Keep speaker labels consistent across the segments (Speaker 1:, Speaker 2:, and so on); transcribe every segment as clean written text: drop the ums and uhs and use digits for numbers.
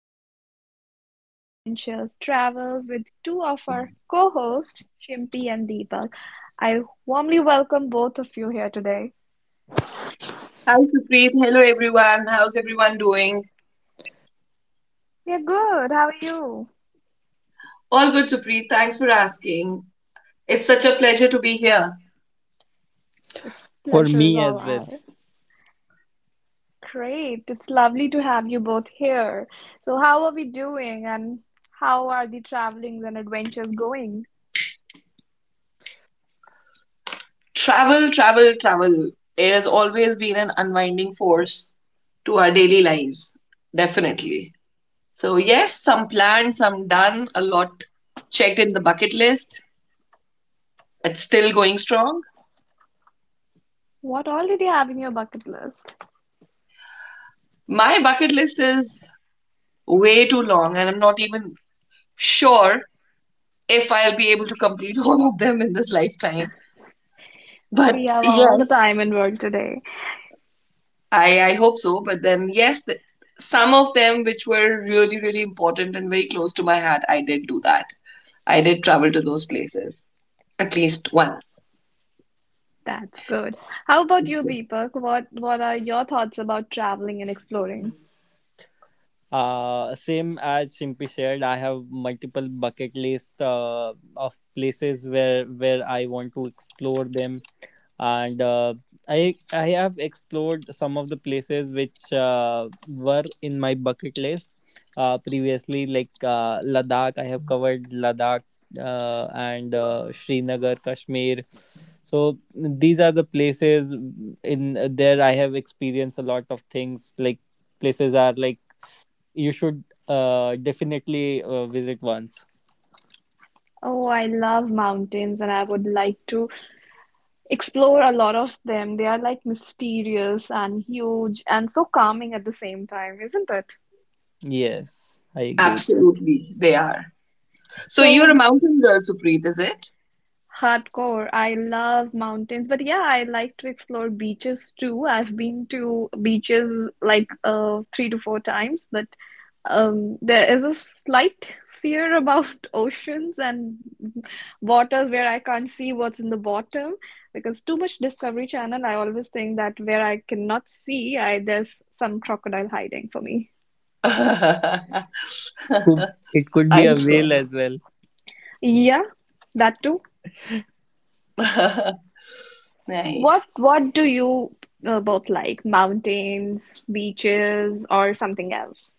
Speaker 1: Discuss about adventures, travels with two of our co-hosts, Shimpi and Deepak. I warmly welcome both of you here today.
Speaker 2: Hi, Supreet. Hello, everyone. How's everyone doing?
Speaker 1: We are good. How are you?
Speaker 2: All good, Supreet. Thanks for asking. It's such a pleasure to be here.
Speaker 1: It's
Speaker 3: For
Speaker 1: pleasure is
Speaker 3: me
Speaker 1: all
Speaker 3: as well.
Speaker 1: ours. Great. It's lovely to have you both here. So, how are we doing, and how are the travelings and adventures going?
Speaker 2: Travel, travel, travel. It has always been an unwinding force to our daily lives, definitely. So, yes, some planned, some done, a lot checked in the bucket list. It's still going strong.
Speaker 1: What all did you have in your bucket list?
Speaker 2: My bucket list is way too long, and I'm not even sure if I'll be able to complete all of them in this lifetime.
Speaker 1: We
Speaker 2: But
Speaker 1: have all the
Speaker 2: yes.
Speaker 1: time in world today.
Speaker 2: I hope so. But then, yes, some of them which were really, really important and very close to my heart, I did do that. I did travel to those places at least once.
Speaker 1: That's good. How about you,
Speaker 2: Okay.
Speaker 1: Deepak? What are your thoughts about traveling and exploring?
Speaker 3: Same as Shimpi shared, I have multiple bucket list of places where I want to explore them, and I have explored some of the places which were in my bucket list previously, like Ladakh. I have covered Ladakh and Srinagar, Kashmir, so these are the places. In there, I have experienced a lot of things, like places are, like, you should definitely visit once.
Speaker 1: Oh, I love mountains and I would like to explore a lot of them. They are like mysterious and huge and so calming at the same time, isn't it?
Speaker 3: Yes, I agree with you.
Speaker 2: Absolutely, they are. So you're
Speaker 1: So
Speaker 2: a mountain girl, Supreet, is it?
Speaker 1: Hardcore. I love mountains, but yeah, I like to explore beaches too. I've been to beaches like three to four times, but there is a slight fear about oceans and waters where I can't see what's in the bottom because too much Discovery Channel, I always think that where I cannot see, I there's some crocodile hiding for me.
Speaker 3: Could- it could be a
Speaker 2: I'm sure.
Speaker 3: whale as well.
Speaker 1: Yeah, that too. What
Speaker 2: Nice.
Speaker 1: what do you both like? Mountains, beaches, or something else?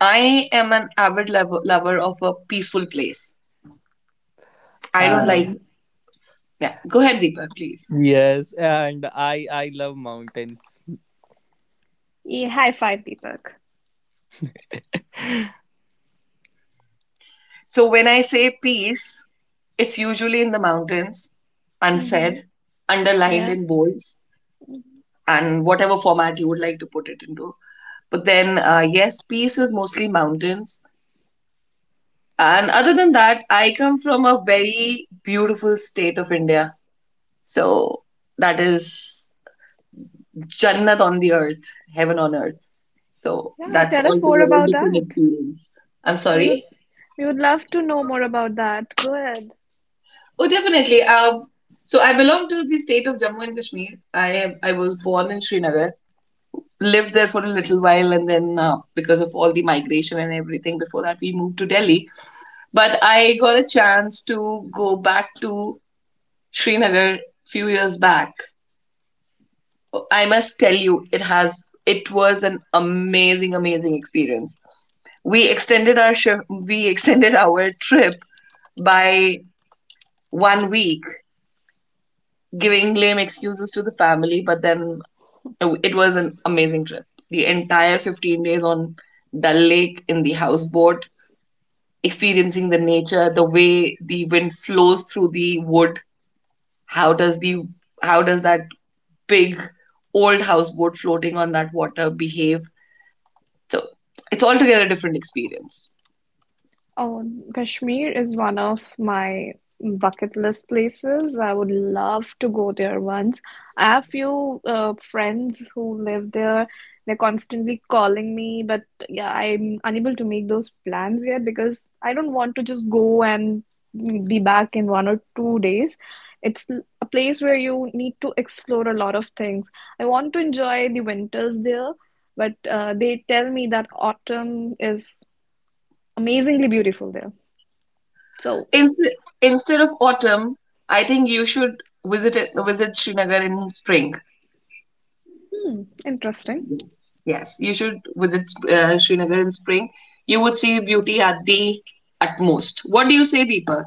Speaker 2: I am an avid lover of a peaceful place. I don't like.
Speaker 3: uh,
Speaker 1: Hmm.
Speaker 2: Yeah, go ahead, Deepa, please.
Speaker 3: Yes, and I love mountains.
Speaker 1: Yeah, high five, Deepak.
Speaker 2: So when I say peace, it's usually in the mountains,
Speaker 1: Hmm.
Speaker 2: unsaid, underlined
Speaker 1: Yeah.
Speaker 2: in bolds, and whatever format you would like to put it into. But then, yes, peace is mostly mountains. And other than that, I come from a very beautiful state of India. So that is Jannat on the earth, heaven on earth. So
Speaker 1: Yeah,
Speaker 2: that's
Speaker 1: tell us more
Speaker 2: altogether a
Speaker 1: about
Speaker 2: different
Speaker 1: that.
Speaker 2: experience. I'm
Speaker 1: We
Speaker 2: sorry?
Speaker 1: would we would love to know more about that. Go ahead.
Speaker 2: Oh, definitely. So I belong to the state of Jammu and Kashmir. I was born in Srinagar, lived there for a little while, and then because of all the migration and everything, before that we moved to Delhi. But I got a chance to go back to Srinagar few years back. I must tell you, it was an amazing, amazing experience. We extended our shi- we extended our trip by 1 week giving lame excuses to the family, but then it was an amazing trip. The entire 15 days on Dal Lake in the houseboat, experiencing the nature, the way the wind flows through the wood. How does the how does that big old houseboat floating on that water behave? So it's altogether a different experience.
Speaker 1: Oh, Kashmir is one of my bucket list places. I would love to go there once. I have few friends who live there. They're constantly calling me, but yeah, I'm unable to make those plans yet because I don't want to just go and be back in 1 or 2 days. A place where you need to explore a lot of things. I want to enjoy the winters there, but they tell me that autumn is amazingly beautiful there. So,
Speaker 2: In, instead of autumn, I think you should visit Srinagar in spring.
Speaker 1: hmm, interesting.
Speaker 2: Yes, yes. You should visit Srinagar in spring. You would see beauty at the utmost. What do you say, Deepak?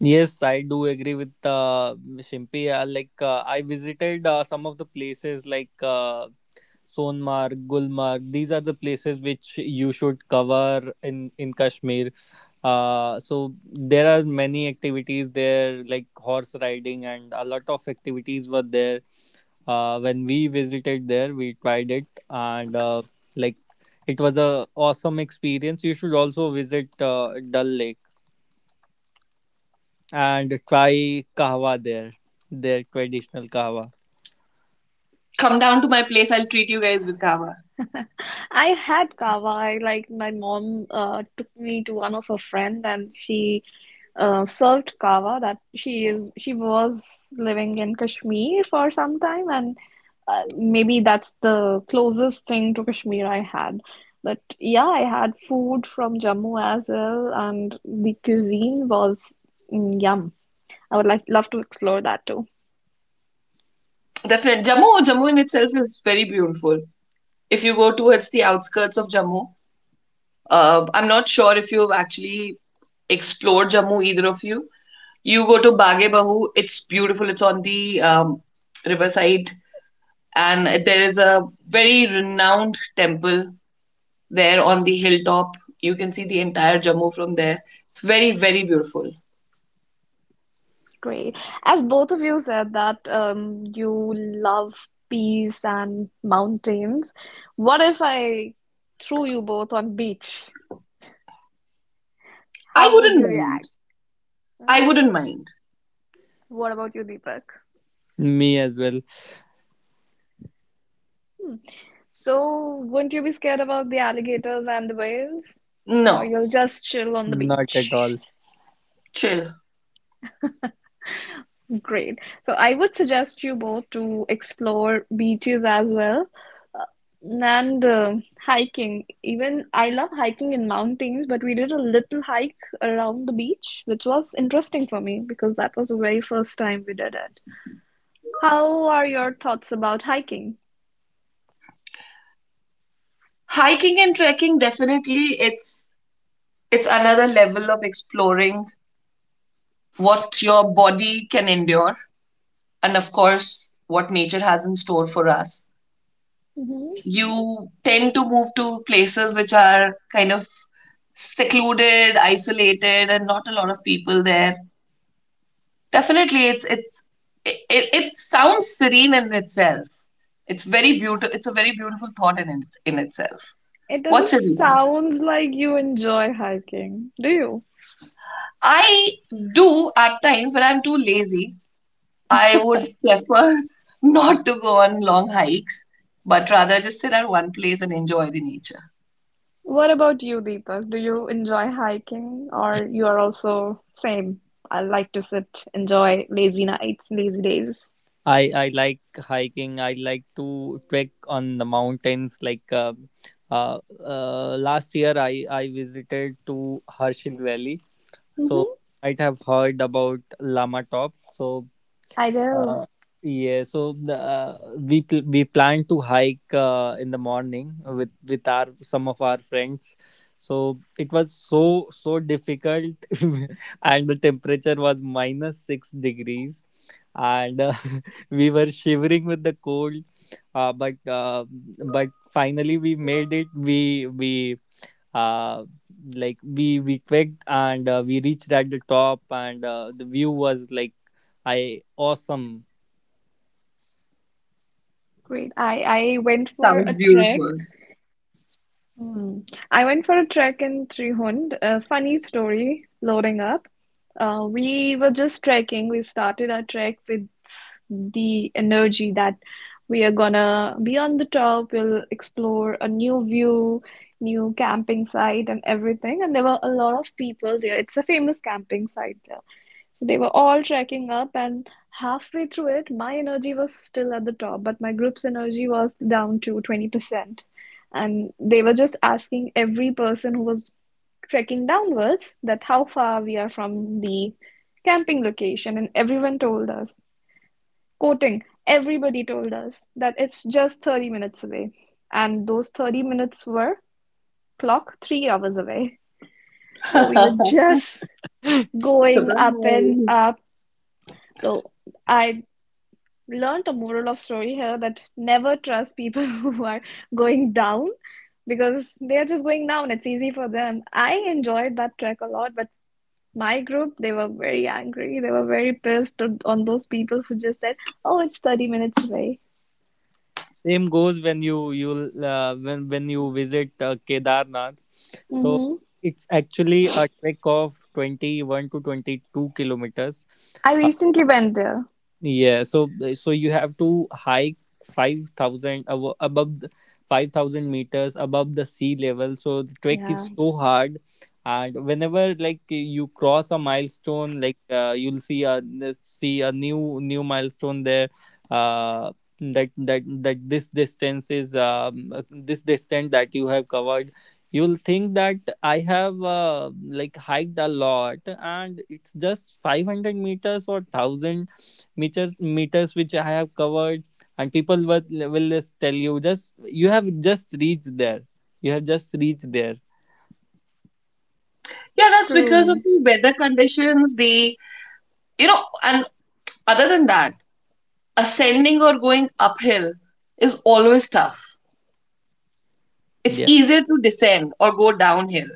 Speaker 3: Yes, I do agree with Shimpi. Like, I visited some of the places, like Sonmarg, Gulmarg. These are the places which you should cover in Kashmir. So there are many activities there, like horse riding, and a lot of activities were there. When we visited there, we tried it, and like, it was a awesome experience. You should also visit Dal Lake and try kahwa there, their traditional kahwa.
Speaker 2: Come down to my place. I'll treat you guys with kava.
Speaker 1: I had kava. I like My mom took me to one of her friend, and she served kava. That she is She was living in Kashmir for some time, and maybe that's the closest thing to Kashmir I had. But yeah, I had food from Jammu as well, and the cuisine was yum. I would love to explore that too.
Speaker 2: Definitely, Jammu. Jammu in itself is very beautiful. If you go towards the outskirts of Jammu, I'm not sure if you've actually explored Jammu, either of you. You go to Baghe Bahu. It's beautiful. It's on the riverside, and there is a very renowned temple there on the hilltop. You can see the entire Jammu from there. It's very, very beautiful.
Speaker 1: Great. As both of you said that you love peace and mountains, what if I threw you both on beach?
Speaker 2: I
Speaker 1: How would
Speaker 2: wouldn't
Speaker 1: you
Speaker 2: mind.
Speaker 1: react? Hmm?
Speaker 2: I wouldn't mind.
Speaker 1: What about you, Deepak?
Speaker 3: Me as well.
Speaker 1: Hmm. So, wouldn't you be scared about the alligators and the whales, or
Speaker 2: No,
Speaker 1: you'll just chill on the
Speaker 3: Not at all.
Speaker 1: beach?
Speaker 2: chill.
Speaker 1: Great. So, I would suggest you both to explore beaches as well. And hiking. Even I love hiking in mountains, but we did a little hike around the beach, which was interesting for me because that was the very first time we did it. How are your thoughts about hiking?
Speaker 2: Hiking and trekking definitely it's another level of exploring what your body can endure and of course what nature has in store for us.
Speaker 1: Hmm.
Speaker 2: You tend to move to places which are kind of secluded, isolated and not a lot of people there. Definitely, it's it sounds serene in itself. It's very beautiful. It's a very beautiful thought in itself.
Speaker 1: It
Speaker 2: What's
Speaker 1: doesn't
Speaker 2: serene?
Speaker 1: sound like you enjoy hiking, do you?
Speaker 2: I do at times, but I'm too lazy. I would prefer not to go on long hikes, but rather just sit at one place and enjoy the nature.
Speaker 1: What about you, Deepak? Do you enjoy hiking or you are also same? I like to sit, enjoy lazy nights, lazy days.
Speaker 3: I like hiking. I like to trek on the mountains. Like uh, uh, uh, last year, I visited to Harshil Valley. So
Speaker 1: Hmm.
Speaker 3: you might have heard about Lama Top. So
Speaker 1: I do.
Speaker 3: uh, yeah, we plan to hike in the morning with our some of our friends. So it was so difficult. And the temperature was minus 6 degrees, and we were shivering with the cold. Uh, but uh, but finally we made it. Uh we clicked, and we reached at the top, and the view was, like, I awesome.
Speaker 1: Great. I went for a
Speaker 2: Sounds
Speaker 1: trek.
Speaker 2: beautiful.
Speaker 1: Hmm. I went for a trek in Trihund. A funny story loading up. We were just trekking. We started our trek with the energy that we are gonna be on the top. We'll explore a new view, new camping site, and everything. And there were a lot of people there. It's a famous camping site there. So they were all trekking up, and halfway through it, my energy was still at the top, but my group's energy was down to 20%. And they were just asking every person who was trekking downwards that how far we are from the camping location. And everyone told us, quoting, everybody told us that it's just 30 minutes away. And those 30 minutes were clock 3 hours away. So we were
Speaker 2: Surprise.
Speaker 1: just going up and up. So I learned a moral of story here that never trust people who are going down because they are just going down. It's easy for them. I enjoyed that trek a lot, but my group, they were very angry. They were very pissed on those people who just said, "Oh, it's 30 minutes away."
Speaker 3: Same goes when you you'll when you visit Kedarnath. So
Speaker 1: Hmm.
Speaker 3: it's actually a trek of 21 to 22 kilometers.
Speaker 1: I
Speaker 3: Uh,
Speaker 1: recently went there.
Speaker 3: Yeah, so you have to hike 5,000 abo- above the 5,000 meters above the sea level. So the trek
Speaker 1: Yeah,
Speaker 3: is so hard, and whenever, like, you cross a milestone, like, you'll see a new milestone there. Uh, that this distance is this distance that you have covered. You'll think that I have like, hiked a lot, and it's just 500 meters or 1,000 meters which I have covered, and people will just tell you, just you have just reached there, you have just reached there.
Speaker 2: Yeah, that's because of
Speaker 1: true.
Speaker 2: the weather conditions, and other than that. Ascending or going uphill is always tough. It's
Speaker 3: Yeah.
Speaker 2: easier to descend or go downhill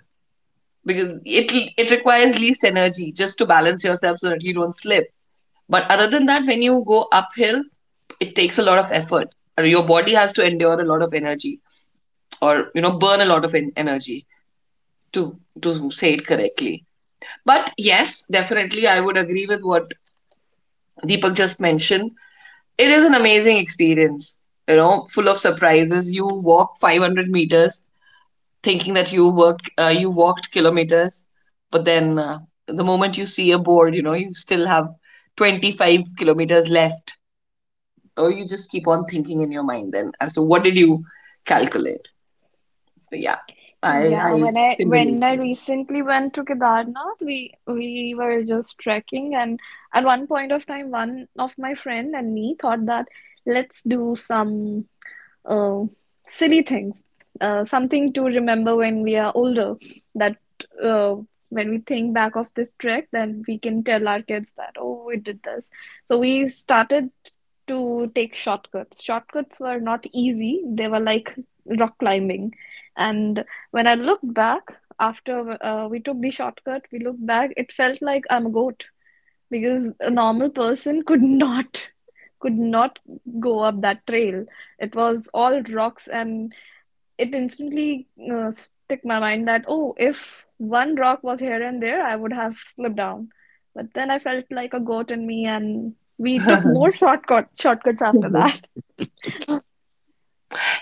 Speaker 2: because it requires least energy just to balance yourself so that you don't slip. But other than that, when you go uphill, it takes a lot of effort. Your body has to endure a lot of energy, or you know, burn a lot of energy to say it correctly. But yes, definitely, I would agree with what Deepak just mentioned. It is an amazing experience, you know, full of surprises. You walk 500 meters thinking that you walked kilometers, but then the moment you see a board, you know, you still have 25 kilometers left. Or you just keep on thinking in your mind then as to what did you calculate. So yeah, I
Speaker 1: Yeah,
Speaker 2: I can
Speaker 1: when
Speaker 2: relate
Speaker 1: I recently went to Kedarnath, we were just trekking, and at one point of time, one of my friend and me thought that let's do some uh, silly things, something to remember when we are older. That uh, when we think back of this trek, then we can tell our kids that, oh, we did this. So we started to take shortcuts. Shortcuts were not easy, they were like rock climbing. And when I looked back after we took the shortcut, we looked back, it felt like I'm a goat because a normal person could not go up that trail. It was all rocks, and it instantly stick my mind that oh, if one rock was here and there, I would have slipped down. But then I felt like a goat in me, and we took
Speaker 2: to
Speaker 1: more
Speaker 2: it.
Speaker 1: shortcuts after that.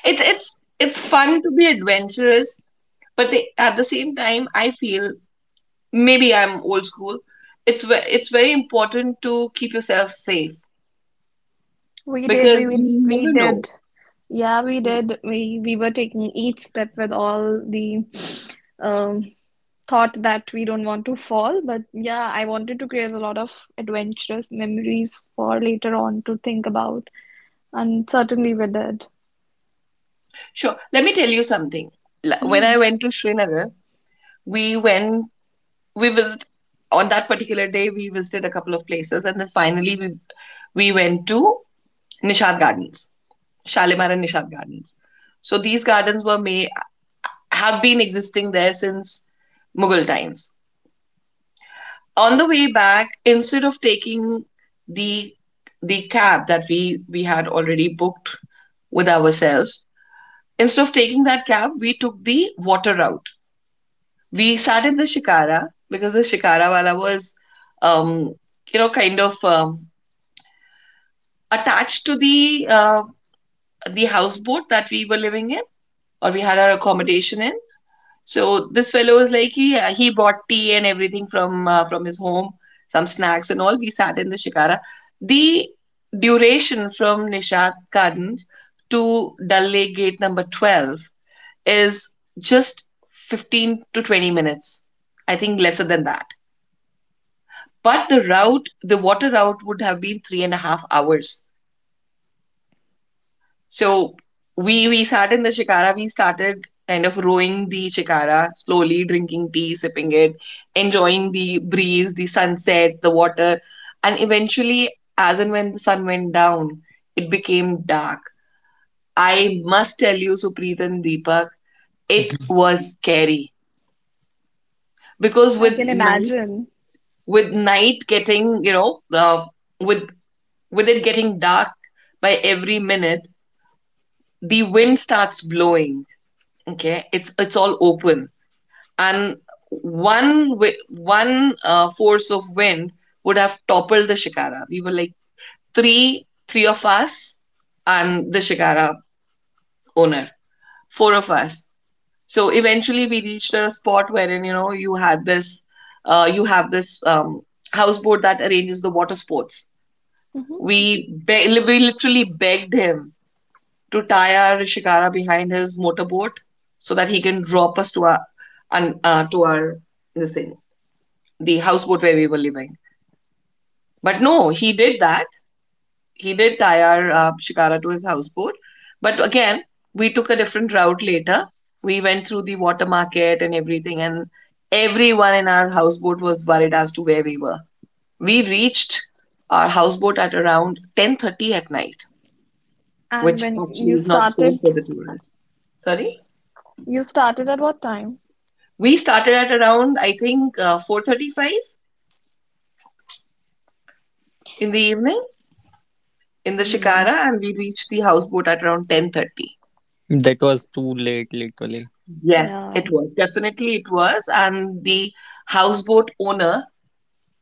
Speaker 2: It's fun to be adventurous, but they, at the same time, I feel maybe I'm old school. It's very important to keep yourself safe
Speaker 1: We did, we,
Speaker 2: because you
Speaker 1: we we
Speaker 2: never know.
Speaker 1: did. Yeah, we did. We were taking each step with all the um thought that we don't want to fall, but yeah, I wanted to create a lot of adventurous memories for later on to think about, and certainly we did.
Speaker 2: Sure. Let me tell you something. When
Speaker 1: Hmm.
Speaker 2: I went to Srinagar, we went, we visited, on that particular day, we visited a couple of places and then we went to Nishad Gardens, Shalimar and Nishad Gardens. So these have been existing there since Mughal times. On the way back, instead of taking the the cab that we had already booked with ourselves, instead of taking that cab, we took the water route. We sat in the shikara because the shikara wala was, um, you know, kind of attached to the houseboat that we were living in or we had our accommodation in. So this fellow was like he brought tea and everything from his home, some snacks and all. We sat in the shikara. The duration from Nishad Gardens to Dal Lake Gate number 12 is just 15 to 20 minutes. I think lesser than that. But the route, the water route would have been three and a half hours. So we sat in the shikara. We started kind of rowing the shikara slowly, drinking tea, sipping it, enjoying the breeze, the sunset, the water, and eventually, as and when the sun went down, it became dark. I must tell you, Supreet and Deepak, it
Speaker 3: Mhm.
Speaker 2: was scary because
Speaker 1: I can imagine.
Speaker 2: with night getting, you know, with with it getting dark by every minute, the wind starts blowing. Okay, it's all open, and one force of wind would have toppled the shikara. We were like three of us and the shikara owner, four of us. So eventually, we reached a spot wherein you know you had this you have this houseboat that arranges the water sports.
Speaker 1: Hmm.
Speaker 2: We literally begged him to tie our Shikara behind his motorboat so that he can drop us to our this thing the houseboat where we were living. But no, he did that. He did tie our Shikara to his houseboat. But again, we took a different route later. We went through the water market and everything, and everyone in our houseboat was worried as to where we were. We reached our houseboat at around 10:30 at night,
Speaker 1: And
Speaker 2: which
Speaker 1: when
Speaker 2: actually is not safe for the tourists. Sorry.
Speaker 1: you started at what time?
Speaker 2: We started at around, I think, 4:35 in the evening in the
Speaker 1: Hmm.
Speaker 2: Shikara, and we reached the houseboat at around 10:30.
Speaker 3: That was too late, literally.
Speaker 2: Yes,
Speaker 1: Yeah.
Speaker 2: it was. Definitely it was. And the houseboat owner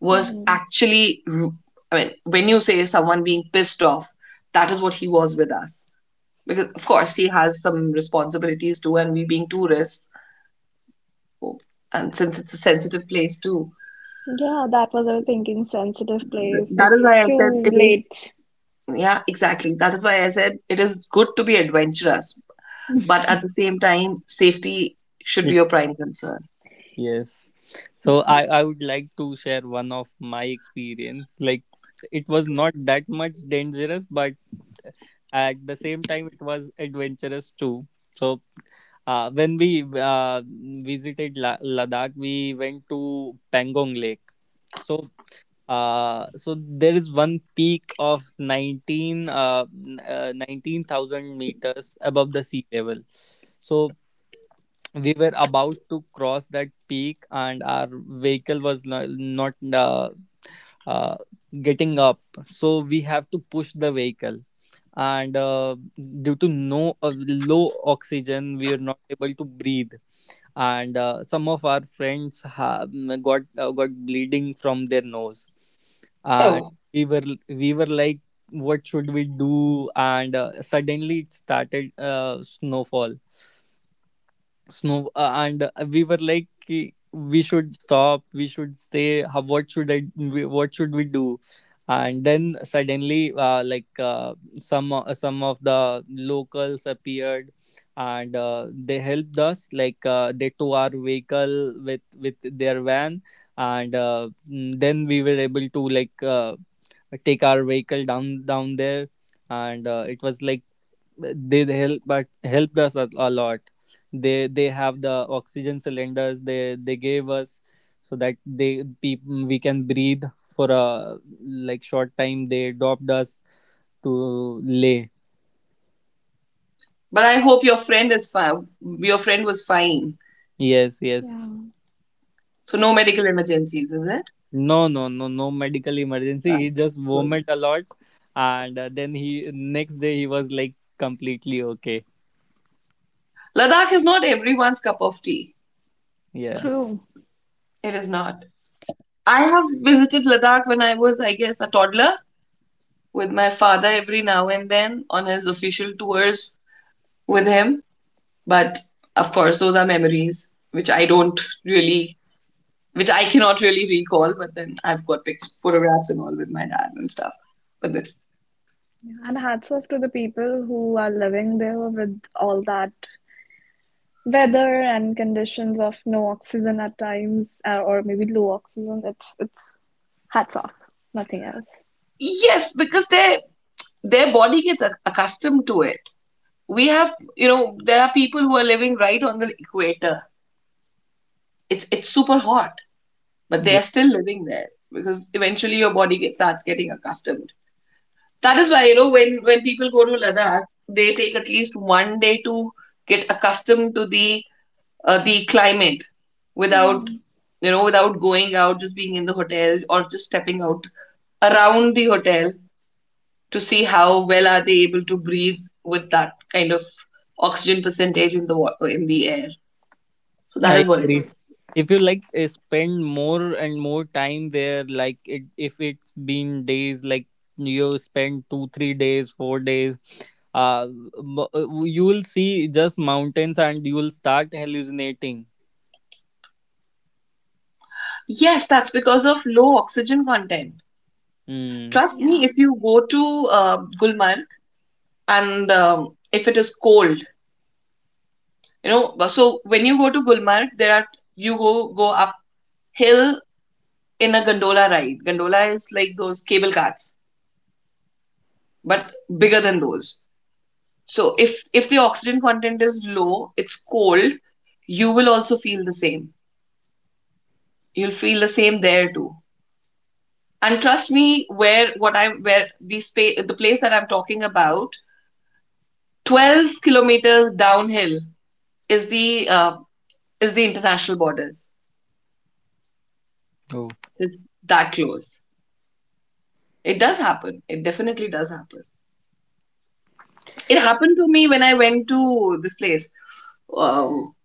Speaker 2: was
Speaker 1: Hmm.
Speaker 2: actually, ru- I mean, when you say someone being pissed off, that is what he was with us. Because, of course, he has some responsibilities too, and we being tourists, and since it's a sensitive place too.
Speaker 1: Yeah, that was our thinking sensitive place.
Speaker 2: That is
Speaker 1: It's
Speaker 2: why I said
Speaker 1: too
Speaker 2: it is
Speaker 1: late.
Speaker 2: Yeah, exactly. That is why I said it is good to be adventurous, but at the same time, safety should be
Speaker 3: It-
Speaker 2: your prime concern.
Speaker 3: yes, so
Speaker 1: Yeah.
Speaker 3: I would like to share one of my experience, like it was not that much dangerous, but at the same time, it was adventurous too. So, when we visited Ladakh, we went to Pangong Lake. So so, there is one peak of 19,000 meters above the sea level. So we were about to cross that peak, and our vehicle was not uh, getting up, so we have to push the vehicle. And due to no low oxygen, we are not able to breathe, and some of our friends have got bleeding from their nose, and
Speaker 2: Oh,
Speaker 3: we were we were like, "What should we do?" And suddenly it started snowfall, snow and we were like, We should stop, we should stay. How, what should what should we do?" And then suddenly like, some of the locals appeared, and they helped us, like, they towed our vehicle with their van. And then we were able to, like, take our vehicle down there. And it was like they helped us a lot. They have the oxygen cylinders, they gave us, so that they peop we can breathe for a, like, short time. They dropped us to Lay.
Speaker 2: but I hope your friend is fine. Your friend was fine.
Speaker 3: Yes, yes.
Speaker 1: Yeah,
Speaker 2: So no medical emergencies, is it?
Speaker 3: No, no, no. No medical emergency, he
Speaker 2: Um,
Speaker 3: just vomit
Speaker 2: good.
Speaker 3: a lot. And then he next day he was like completely okay.
Speaker 2: Ladakh is not everyone's cup of tea.
Speaker 3: Yeah.
Speaker 1: true.
Speaker 2: It is not. I have visited Ladakh when I was, I guess, a toddler with my father every now and then on his official tours with him. But of course, those are memories which I don't really which I cannot really recall. But then I've got pictures, photographs, and all with my dad and stuff. But then,
Speaker 1: Yeah. And hats off to the people who are living there with all that weather and conditions of no oxygen at times, or maybe low oxygen. It's hats off, nothing else.
Speaker 2: yes, because their body gets accustomed to it. We have, you know, there are people who are living right on the equator. It's super hot, but they are still living there because eventually your body starts getting accustomed. That is why you know when people go to Ladakh, they take at least 1 day to get accustomed to the climate without
Speaker 1: Hmm.
Speaker 2: you know, without going out, just being in the hotel or just stepping out around the hotel to see how well are they able to breathe with that kind of oxygen percentage in the air. So that is
Speaker 3: I
Speaker 2: what it
Speaker 3: agree.
Speaker 2: is.
Speaker 3: If you, like, spend more and more time there, like if it's been days, like you spend 2, 3 days, 4 days, uh, you will see just mountains and you will start hallucinating.
Speaker 2: Yes, that's because of low oxygen content.
Speaker 3: Mm.
Speaker 2: Trust
Speaker 1: Yeah.
Speaker 2: me, if you go to Gulmarg and if it is cold, you know, so when you go to Gulmarg, there are you go go uphill in a gondola ride. Gondola is like those cable cars, but bigger than those. So if the oxygen content is low, it's cold, you will also feel the same. You'll feel the same there too. And trust me, where what I'm where the space the place that I'm talking about, 12 kilometers downhill is the is the international borders.
Speaker 3: Oh,
Speaker 2: It's that close. It does happen. It definitely does happen. It happened to me when I went to this place, um,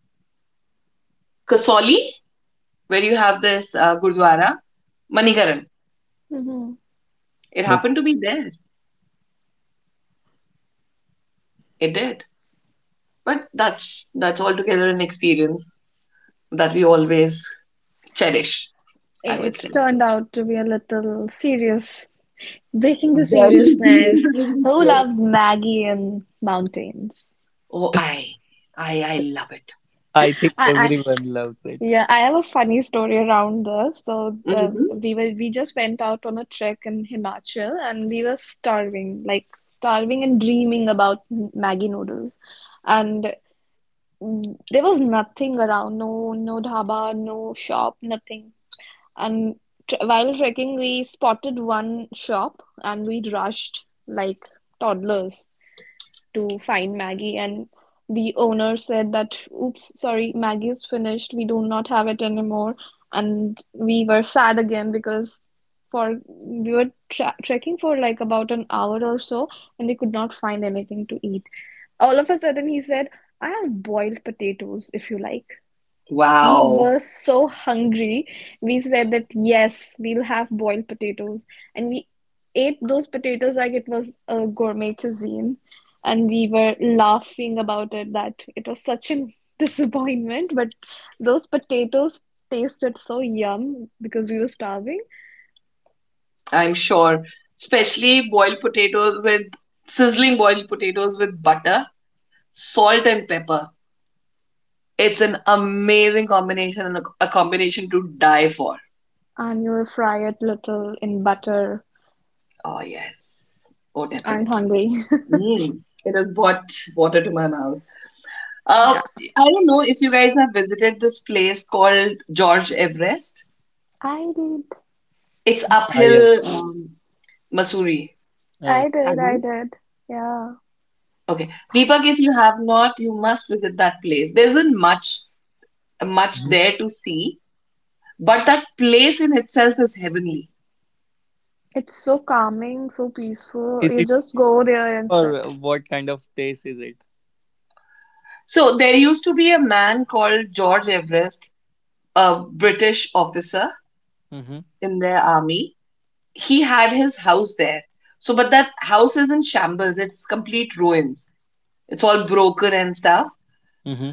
Speaker 2: Kasauli, where you have this Gurdwara, Manikaran.
Speaker 1: Hmm.
Speaker 2: It
Speaker 3: okay.
Speaker 2: happened to me there. It did. But that's altogether an experience that we always cherish, I would
Speaker 1: It
Speaker 2: say.
Speaker 1: turned out to be a little serious, breaking the
Speaker 2: Very serious,
Speaker 1: seriousness.
Speaker 2: I would
Speaker 1: Who
Speaker 2: say.
Speaker 1: loves Maggie and mountains?
Speaker 2: Oh, I love it.
Speaker 3: I think
Speaker 1: I,
Speaker 3: everyone loves it.
Speaker 1: Yeah, I have a funny story around this. So the
Speaker 2: Hmm.
Speaker 1: We were we just went out on a trek in Himachal and we were starving, like starving and dreaming about Maggie noodles. And there was nothing around, no dhaba, no shop, nothing. And tr while trekking, we spotted one shop and we rushed like toddlers to find Maggie, and the owner said that, oops, sorry, Maggie is finished. We do not have it anymore. And we were sad again because for we were tra trekking for like about an hour or so, and we could not find anything to eat. All of a sudden, he said, I have boiled potatoes if you like. We
Speaker 2: Wow,
Speaker 1: were so hungry. We said that yes, we'll have boiled potatoes. And we ate those potatoes like it was a gourmet cuisine. And we were laughing about it that it was such a disappointment. But those potatoes tasted so yum because we were starving.
Speaker 2: I'm sure. Especially boiled potatoes with sizzling boiled potatoes with butter, salt, and pepper. It's an amazing combination and a combination to die for.
Speaker 1: And you will fry it little in butter.
Speaker 2: Oh yes, oh
Speaker 1: Aren't
Speaker 2: definitely.
Speaker 1: hungry.
Speaker 2: Mm. It has brought water to my mouth. Uh,
Speaker 1: Yeah.
Speaker 2: I don't know if you guys have visited this place called George Everest.
Speaker 1: I did.
Speaker 2: It's
Speaker 3: I am.
Speaker 2: uphill, Mussoorie.
Speaker 3: Uh,
Speaker 1: I
Speaker 2: Have
Speaker 1: did. I
Speaker 2: you?
Speaker 1: did. Yeah.
Speaker 2: Okay. Deepak, if you have not, you must visit that place. There isn't much
Speaker 3: Mhm.
Speaker 2: there to see, but that place in itself is heavenly.
Speaker 1: It's so calming, so peaceful.
Speaker 3: Is
Speaker 1: You
Speaker 3: it,
Speaker 1: just go there and sit.
Speaker 3: or what kind of place is it?
Speaker 2: So there used to be a man called George Everest, a British officer
Speaker 3: Mm-hmm.
Speaker 2: in their army. He had his house there. So, but that house is in shambles. It's complete ruins. It's all broken and stuff,
Speaker 3: Mm-hmm.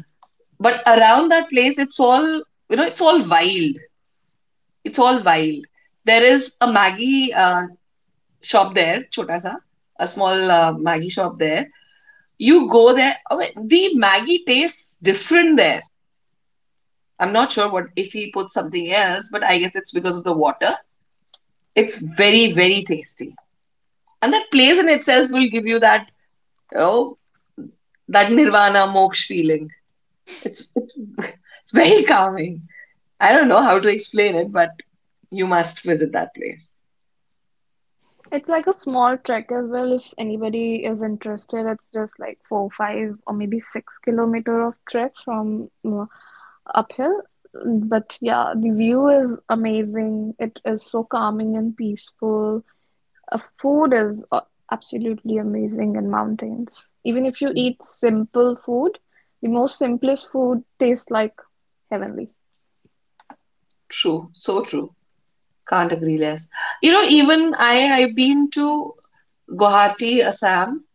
Speaker 2: but around that place it's all, you know, it's all wild. There is a maggi uh, shop there, chota sa, a small maggie shop there. You go there, I mean, the maggi tastes different there. I'm not sure what if he put something else, but I guess it's because of the water. It's very, very tasty. And that place in itself will give you that, you know, that nirvana moksh feeling. It's it's very calming. I don't know how to explain it, but you must visit that place.
Speaker 1: It's like a small trek as well. If anybody is interested, it's just like four, five, or maybe 6 kilometer of trek from uphill. But yeah, the view is amazing. It is so calming and peaceful. Food is absolutely amazing in mountains. Even if you eat simple food, the most simplest food tastes like heavenly.
Speaker 2: True, so true. Can't agree less. You know, even I've been to Guwahati, Assam.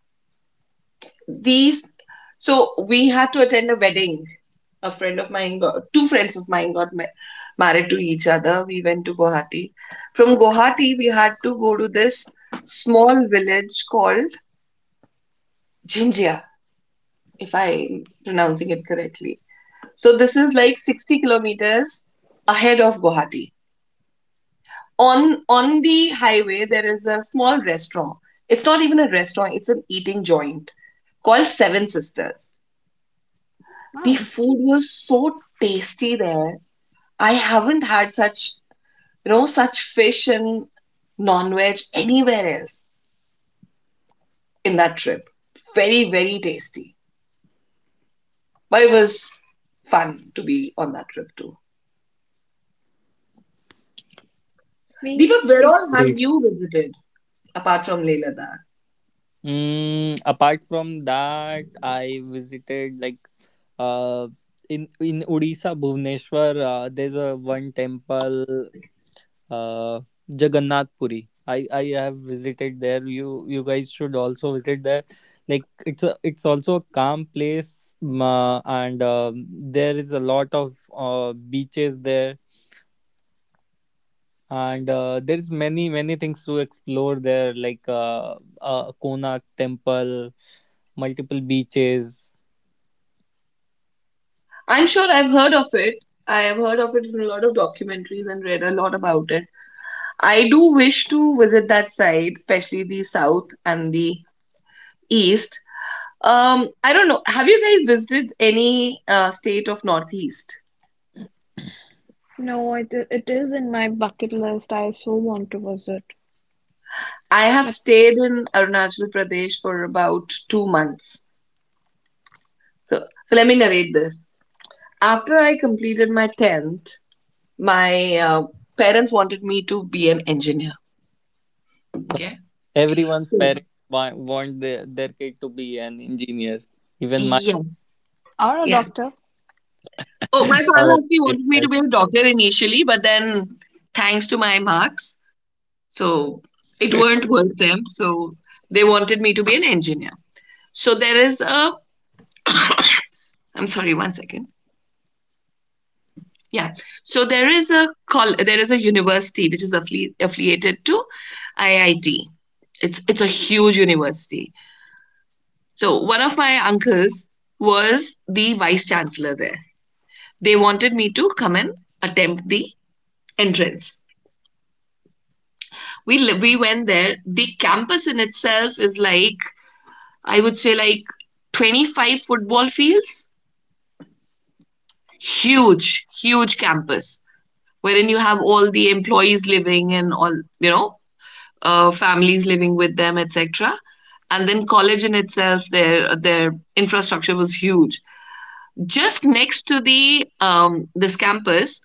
Speaker 2: These, so we had to attend a wedding. A friend of mine got Two friends of mine got married to each other. We went to Guwahati. From Guwahati, we had to go to this small village called Jinjia, if I'm pronouncing it correctly. So this is like 60 kilometers ahead of Guwahati. On the highway there is a small restaurant. It's not even a restaurant, it's an eating joint called Seven Sisters. The
Speaker 1: Wow.
Speaker 2: food was so tasty there. I haven't had such, you know, such fish and non-veg anywhere else in that trip. Very, very tasty. But it was fun to be on that trip too.
Speaker 1: We
Speaker 2: Deepak, where
Speaker 1: if
Speaker 2: all have you visited apart from Leh Ladakh?
Speaker 3: Mm, apart from that, I visited, like, uh in Odisha, Bhubaneswar. There's a one temple, uh, Jagannath Puri. I have visited there. You guys should also visit there. Like, it's also a calm place, and there is a lot of beaches there, and there's many things to explore there, like Konak temple, multiple beaches.
Speaker 2: I'm sure I've heard of it. I have heard of it in a lot of documentaries and read a lot about it. I do wish to visit that side, especially the south and the east. I don't know. Have you guys visited any state of northeast?
Speaker 1: No, it is in my bucket list. I so want to visit.
Speaker 2: I have
Speaker 1: But
Speaker 2: stayed in Arunachal Pradesh for about 2 months. So, so let me narrate this. After I completed my tenth, my parents wanted me to be an engineer.
Speaker 3: So
Speaker 2: Okay.
Speaker 3: everyone's
Speaker 2: So
Speaker 3: parents want their kid to be an engineer, even my.
Speaker 2: yes,
Speaker 1: or a
Speaker 2: yeah.
Speaker 1: doctor.
Speaker 2: Oh, my father
Speaker 3: Or
Speaker 2: actually wanted me to
Speaker 3: yes.
Speaker 2: be a doctor initially, but then thanks to my marks, so it weren't worth them. So they wanted me to be an engineer. So there is a, I'm sorry, one second. Yeah. So there is a there is a university which is affiliated to IIT. It's a huge university. So one of my uncles was the vice chancellor there. They wanted me to come and attempt the entrance. We went there. The campus in itself is like, I would say like, 25 football fields, huge, huge campus wherein you have all the employees living and all, you know, families living with them, etc. And then college in itself, their infrastructure was huge. Just next to the this campus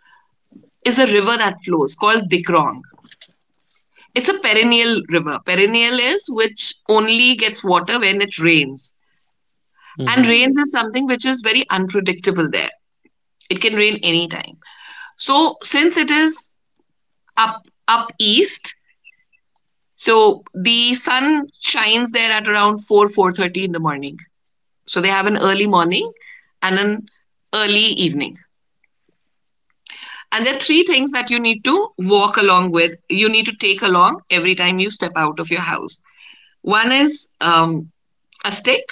Speaker 2: is a river that flows called Dikrong. It's a perennial river. Perennial is which only gets water when it rains. And
Speaker 3: Hmm.
Speaker 1: Hmm.
Speaker 2: rains is something which is very unpredictable there. It can rain anytime. So since it is up up east, so the sun shines there at around 4 4:30 in the morning. So they have an early morning and an early evening. And there are three things that you need to walk along with. You need to take along every time you step out of your house. One is um, a stick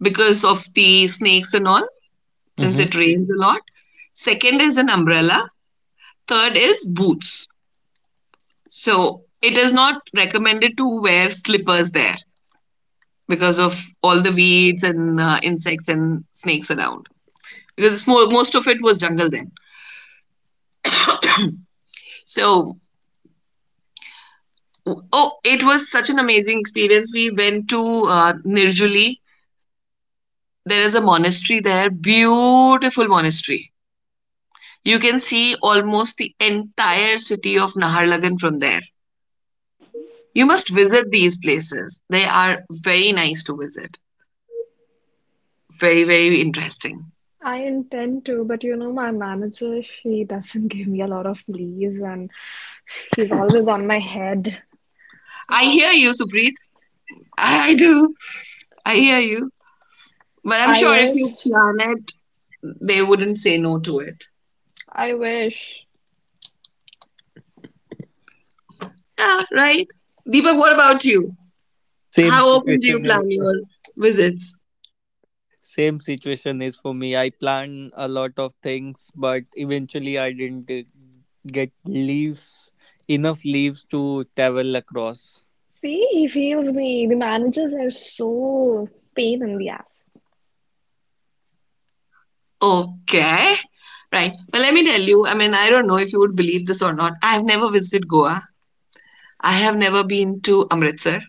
Speaker 2: because of the snakes and all, since
Speaker 3: Hmm.
Speaker 2: it rains a lot. Second is an umbrella. Third is boots. So it is not recommended to wear slippers there because of all the weeds and insects and snakes around. Because most of it was jungle then. So, oh, it was such an amazing experience. We went to Nirjuli. There is a monastery there, beautiful monastery. You can see almost the entire city of Naharlagun from there. You must visit these places. They are very nice to visit. Very, very interesting.
Speaker 1: I intend to, but you know, my manager, she doesn't give me a lot of leaves and she's always on my head. So
Speaker 2: I hear you, Supreet. I do. I hear you. But I'm
Speaker 1: I
Speaker 2: sure if you
Speaker 1: wish,
Speaker 2: plan it, they wouldn't say no to it.
Speaker 1: I wish.
Speaker 2: Yeah, right. Deepak, what about you?
Speaker 3: same
Speaker 2: How often do you
Speaker 3: situation is
Speaker 2: plan your visits?
Speaker 3: Same situation is for me. I plan a lot of things, but eventually I didn't get leaves enough leaves to travel across.
Speaker 1: See, he feels me. The managers are so pain in the ass.
Speaker 2: Okay. Right. Well, let me tell you, I mean, I don't know if you would believe this or not. I have never visited Goa. I have never been to Amritsar.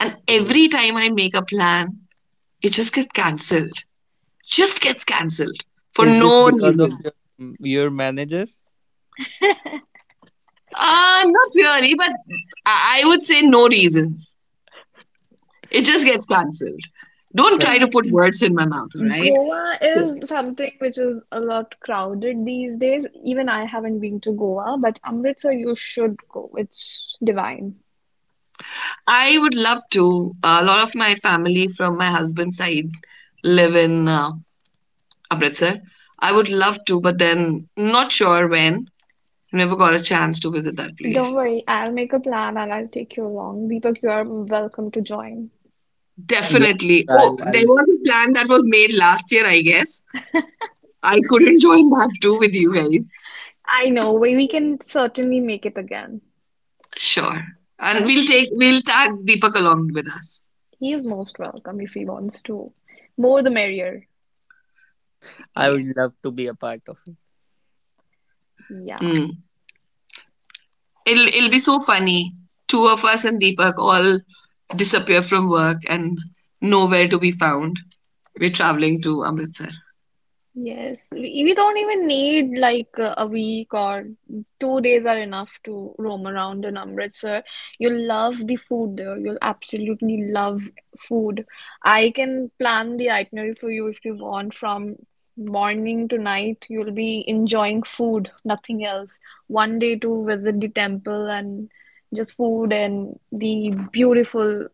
Speaker 2: And every time I make a plan, it just gets cancelled. Just gets cancelled for
Speaker 3: Is this
Speaker 2: no
Speaker 3: because of your
Speaker 2: reasons.
Speaker 3: manager?
Speaker 2: Not really, but I would say no reasons. It just gets cancelled. Don't
Speaker 3: Uh,
Speaker 2: try
Speaker 1: Like
Speaker 2: to put words in my mouth, all right?
Speaker 1: Goa
Speaker 2: So,
Speaker 1: is something which is a lot crowded these days. Even I haven't been to Goa, but Amritsar, you should go. It's divine.
Speaker 2: I would love to. A lot of my family from my husband's side live in Amritsar. I would love to, but then not sure when. Never got a chance to visit that
Speaker 1: Don't
Speaker 2: place.
Speaker 1: worry, I'll make a plan and I'll take you along. Deepak, you are welcome to join.
Speaker 3: Yes,
Speaker 2: Definitely.
Speaker 3: I'll,
Speaker 2: Oh, there
Speaker 3: I'll,
Speaker 2: was a plan that was made last year, I guess. I couldn't join that too with you guys.
Speaker 1: I know, we can certainly make it again.
Speaker 2: Sure. And
Speaker 1: Yeah,
Speaker 2: we'll tag Deepak along with us.
Speaker 1: he is most welcome if he wants to. More the merrier.
Speaker 3: I would
Speaker 2: Yes.
Speaker 3: love to be a part of it.
Speaker 1: Yeah.
Speaker 2: Mm. It'll be so funny. Two of us and Deepak all disappear from work and nowhere to be found. We're traveling to Amritsar.
Speaker 1: Yes, we don't even need like a week or 2 days are enough to roam around in Amritsar. You'll love the food there. You'll absolutely love food. I can plan the itinerary for you if you want. From morning to night, you'll be enjoying food, nothing else. One day to visit the temple and just food and the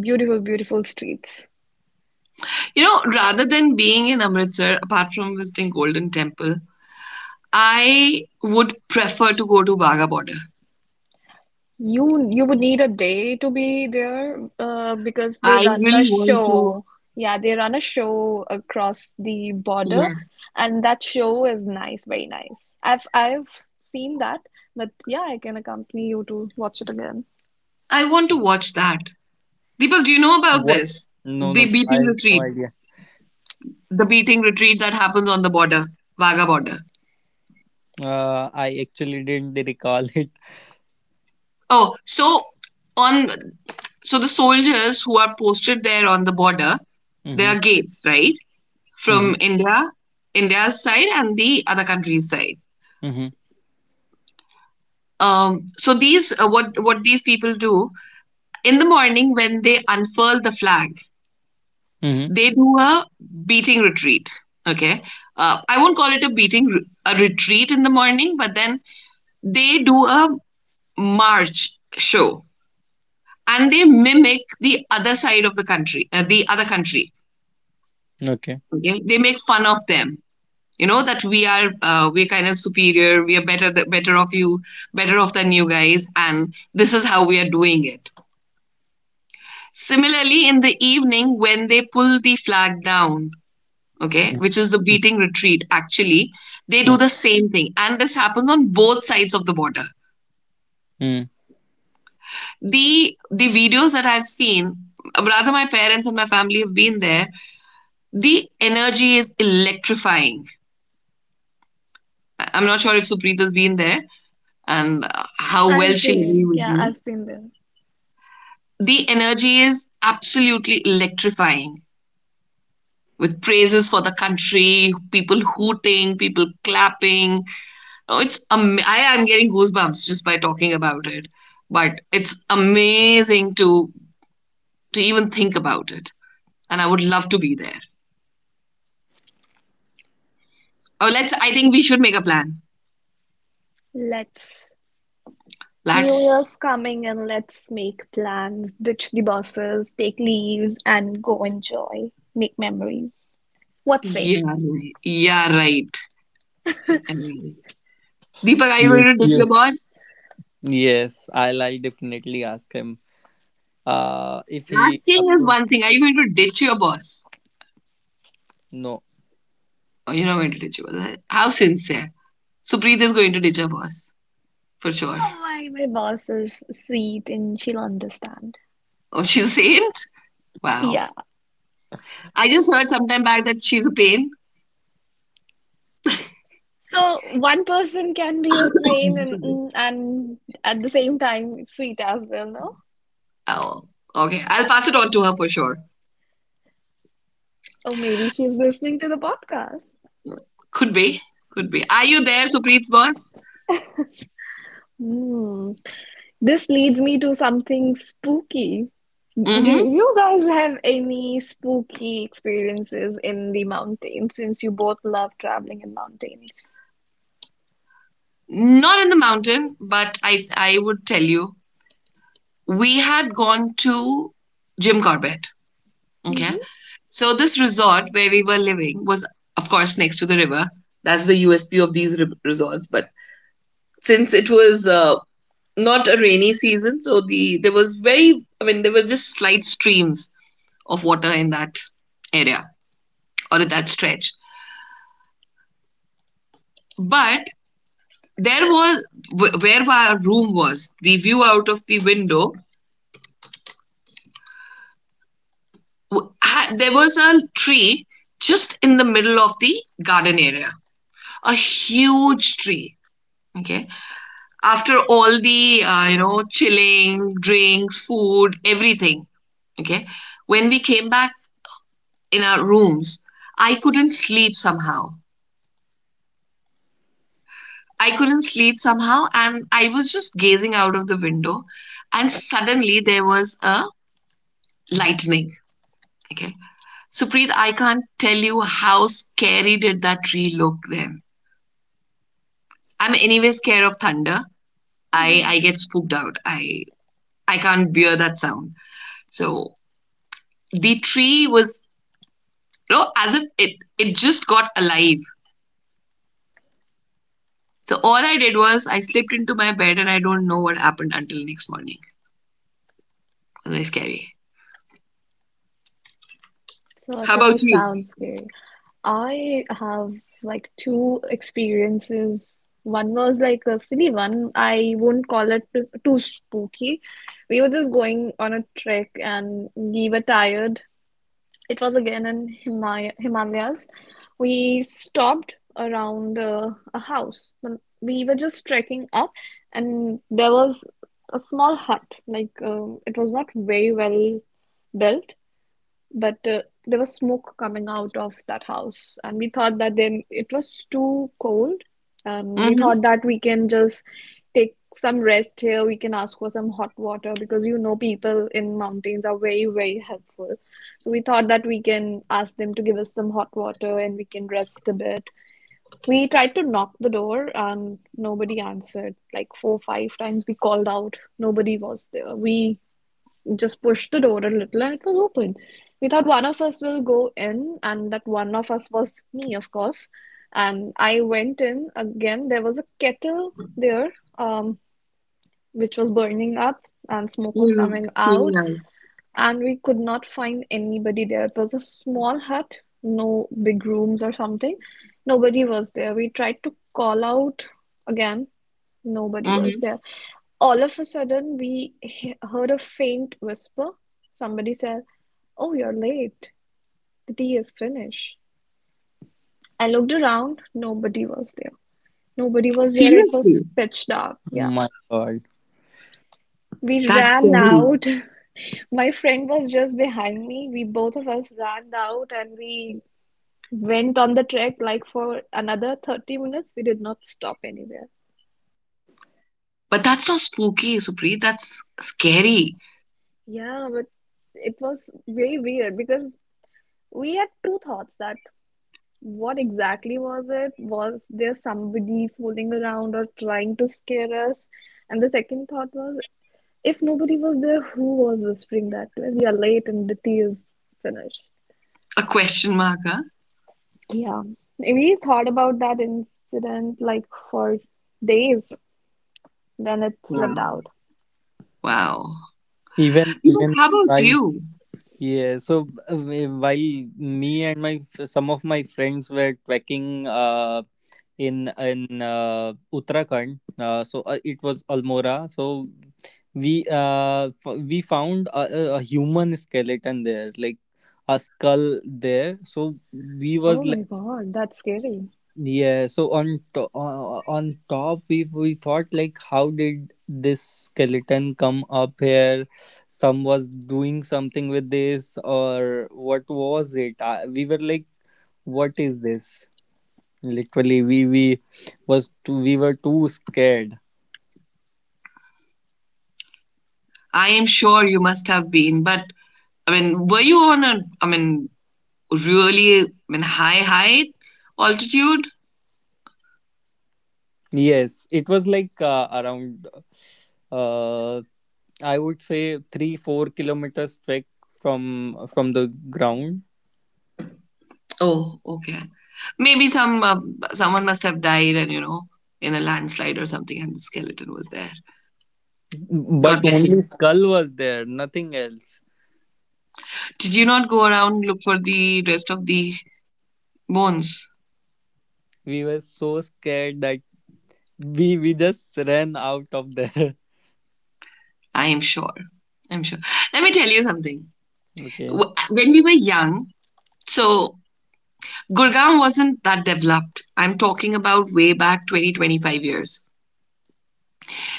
Speaker 1: beautiful, beautiful streets.
Speaker 2: You know, rather than being in Amritsar, apart from visiting Golden Temple, I would prefer to go to Wagah border.
Speaker 1: You would need a day to be there because they
Speaker 2: I
Speaker 1: run a
Speaker 2: really want to.
Speaker 1: show. Yeah, they run a show across the border,
Speaker 2: Yes.
Speaker 1: and that show is nice, very nice. I've seen that, but yeah, I can accompany you to watch it again.
Speaker 2: I want to watch that. Deepak, do you know about
Speaker 3: What?
Speaker 2: this?
Speaker 3: No, no,
Speaker 2: The
Speaker 3: no. I
Speaker 2: beating
Speaker 3: have no
Speaker 2: retreat.
Speaker 3: idea.
Speaker 2: The beating retreat that happens on the border, Wagah border.
Speaker 3: I actually didn't recall it.
Speaker 2: Oh, so on, so the soldiers who are posted there on the border, there
Speaker 3: Mm-hmm.
Speaker 2: are gates, right?
Speaker 3: Mm-hmm.
Speaker 2: From India, India's side and the other country's side.
Speaker 3: Mm-hmm.
Speaker 2: So these what these people do in the morning when they unfurl the flag,
Speaker 3: Mm-hmm.
Speaker 2: they do a beating retreat. Okay, I won't call it a beating, a retreat in the morning, but then they do a march show and they mimic the other side of the country, the other country.
Speaker 3: Okay.
Speaker 2: Okay, they make fun of them. You know that we are we're kind of superior. We are better of you, better off than you guys, and this is how we are doing it. Similarly, in the evening when they pull the flag down, okay, which is the beating retreat, actually, they do the same thing, and this happens on both sides of the border.
Speaker 3: Mm-hmm.
Speaker 2: The videos that I've seen, rather, my parents and my family have been there. The energy is electrifying. I am not sure if Supreet has been there and how well
Speaker 1: I've
Speaker 2: she'll agree
Speaker 1: been,
Speaker 2: with
Speaker 1: yeah,
Speaker 2: me.
Speaker 1: I've been there.
Speaker 2: The energy is absolutely electrifying with praises for the country, people hooting, people clapping. Oh, I am getting goosebumps just by talking about it. But it's amazing to even think about it. And I would love to be there. Oh, let's. I think we should make a plan.
Speaker 1: Let's. New
Speaker 2: Let's.
Speaker 1: Year's coming and let's make plans, ditch the buses, take leaves, and go enjoy, make memories. What say?
Speaker 2: Yeah, right. Yeah, right. Deepak, are you
Speaker 3: You,
Speaker 2: going to ditch
Speaker 3: you.
Speaker 2: your boss?
Speaker 3: Yes, I'll definitely ask him. If he
Speaker 2: Asking is
Speaker 3: approves.
Speaker 2: one thing. Are you going to ditch your boss?
Speaker 3: No,
Speaker 2: Oh, you're not going to ditch your boss. How sincere. Supreet is going to ditch her boss, for sure.
Speaker 1: Oh my boss is sweet and she'll understand.
Speaker 2: Oh, she's a saint? Wow.
Speaker 1: Yeah.
Speaker 2: I just heard sometime back that she's a pain.
Speaker 1: So one person can be a pain and and at the same time sweet as well, no?
Speaker 2: Oh, okay. I'll pass it on to her for sure.
Speaker 1: Oh, maybe she's listening to the podcast.
Speaker 2: Could be. Could be. Are you there,
Speaker 1: Yeah.
Speaker 2: Supreet's boss?
Speaker 1: Hmm. This leads me to something spooky. Do
Speaker 2: Mm-hmm.
Speaker 1: you guys have any spooky experiences in the mountains since you both love traveling in mountains?
Speaker 2: Not in the mountain, but I would tell you. We had gone to Jim Corbett.
Speaker 1: Mm-hmm.
Speaker 2: Okay. So this resort where we were living was, of course, next to the river. That's the USP of these resorts. But since it was not a rainy season, so the there was very, I mean, there were just slight streams of water in that area or in that stretch. But there was, where our room was, the view out of the window. There was a tree just in the middle of the garden area, a huge tree. Okay, after all the chilling drinks food everything, okay, when we came back in our rooms, I couldn't sleep somehow. I couldn't sleep somehow, and I was just gazing out of the window, and suddenly there was a lightning. Okay, Supreet, I can't tell you how scary did that tree look then. I'm anyway scared of thunder. I get spooked out. I can't bear that sound. So the tree was, as if it just got alive. So all I did was I slipped into my bed, and I don't know what happened until next morning. It was very scary. How
Speaker 1: Certainly
Speaker 2: about you?
Speaker 1: sounds scary. I have like two experiences. One was like a silly one. I won't call it too spooky. We were just going on a trek and we were tired. It was again in Himaya Himalayas. We stopped around a house. We were just trekking up and there was a small hut. Like it was not very well built but there was smoke coming out of that house, and we thought that then it was too cold, and we
Speaker 2: Mm-hmm.
Speaker 1: thought that we can just take some rest here. We can ask for some hot water because you know people in mountains are very helpful. So we thought that we can ask them to give us some hot water and we can rest a bit. We tried to knock the door and nobody answered. Like four, five times we called out, nobody was there. We just pushed the door a little and it was open. We thought one of us will go in, and that one of us was me, of course. And I went in. Again, there was a kettle there, um, which was burning up, and smoke was
Speaker 2: Mm-hmm.
Speaker 1: coming
Speaker 2: Stealing
Speaker 1: out.
Speaker 2: eye.
Speaker 1: And we could not find anybody there. It was a small hut, no big rooms or something. Nobody was there. We tried to call out again. Nobody was
Speaker 2: Mm-hmm.
Speaker 1: there. All of a sudden, we heard a faint whisper. Somebody said, "Oh, you're late. The tea is finished." I looked around. Nobody was there. Nobody was there. It was
Speaker 2: Seriously,
Speaker 1: pitch dark. Yeah.
Speaker 3: my God.
Speaker 1: We
Speaker 2: that's
Speaker 1: ran
Speaker 2: scary.
Speaker 1: out. My friend was just behind me. We both of us ran out and we went on the trek like for another 30 minutes. We did not stop anywhere.
Speaker 2: But that's not spooky, Supreet. That's scary.
Speaker 1: Yeah, but it was very weird because we had two thoughts that what exactly was it? Was there somebody fooling around or trying to scare us? And the second thought was, if nobody was there, who was whispering that we are late and the tea is finished?
Speaker 2: A question mark, huh?
Speaker 1: Yeah, we thought about that incident like for days, then it slipped
Speaker 2: Wow.
Speaker 1: out.
Speaker 2: Wow.
Speaker 3: Even
Speaker 2: Deepak,
Speaker 3: even
Speaker 2: how about
Speaker 3: while
Speaker 2: you?
Speaker 3: Yeah, so while me and my some of my friends were trekking in Uttarakhand, so it was Almora. So we we found a human skeleton there, like a skull there. So we
Speaker 1: Oh
Speaker 3: was
Speaker 1: my
Speaker 3: like,
Speaker 1: God, that's scary.
Speaker 3: yeah, so on top, we thought, like, how did this skeleton come up here? Some was doing something with this, or what was it? We were like, what is this? Literally, we were too scared.
Speaker 2: I am sure you must have been, but I mean, were you on a, I mean, really, I mean, high height altitude?
Speaker 3: Yes, it was like, around, uh, I would say 3, 4 kilometers trek from the ground,
Speaker 2: Oh, okay. Maybe some someone must have died, and in a landslide or something, and the skeleton was there.
Speaker 3: but
Speaker 2: God bless
Speaker 3: only
Speaker 2: him.
Speaker 3: skull was there, nothing else.
Speaker 2: Did you not go around look for the rest of the bones?
Speaker 3: We were so scared that we just ran out of there.
Speaker 2: I am sure. I'm sure. Let me tell you something.
Speaker 3: Okay.
Speaker 2: When we were young, so Gurgaon wasn't that developed. I'm talking about way back 20-25 years.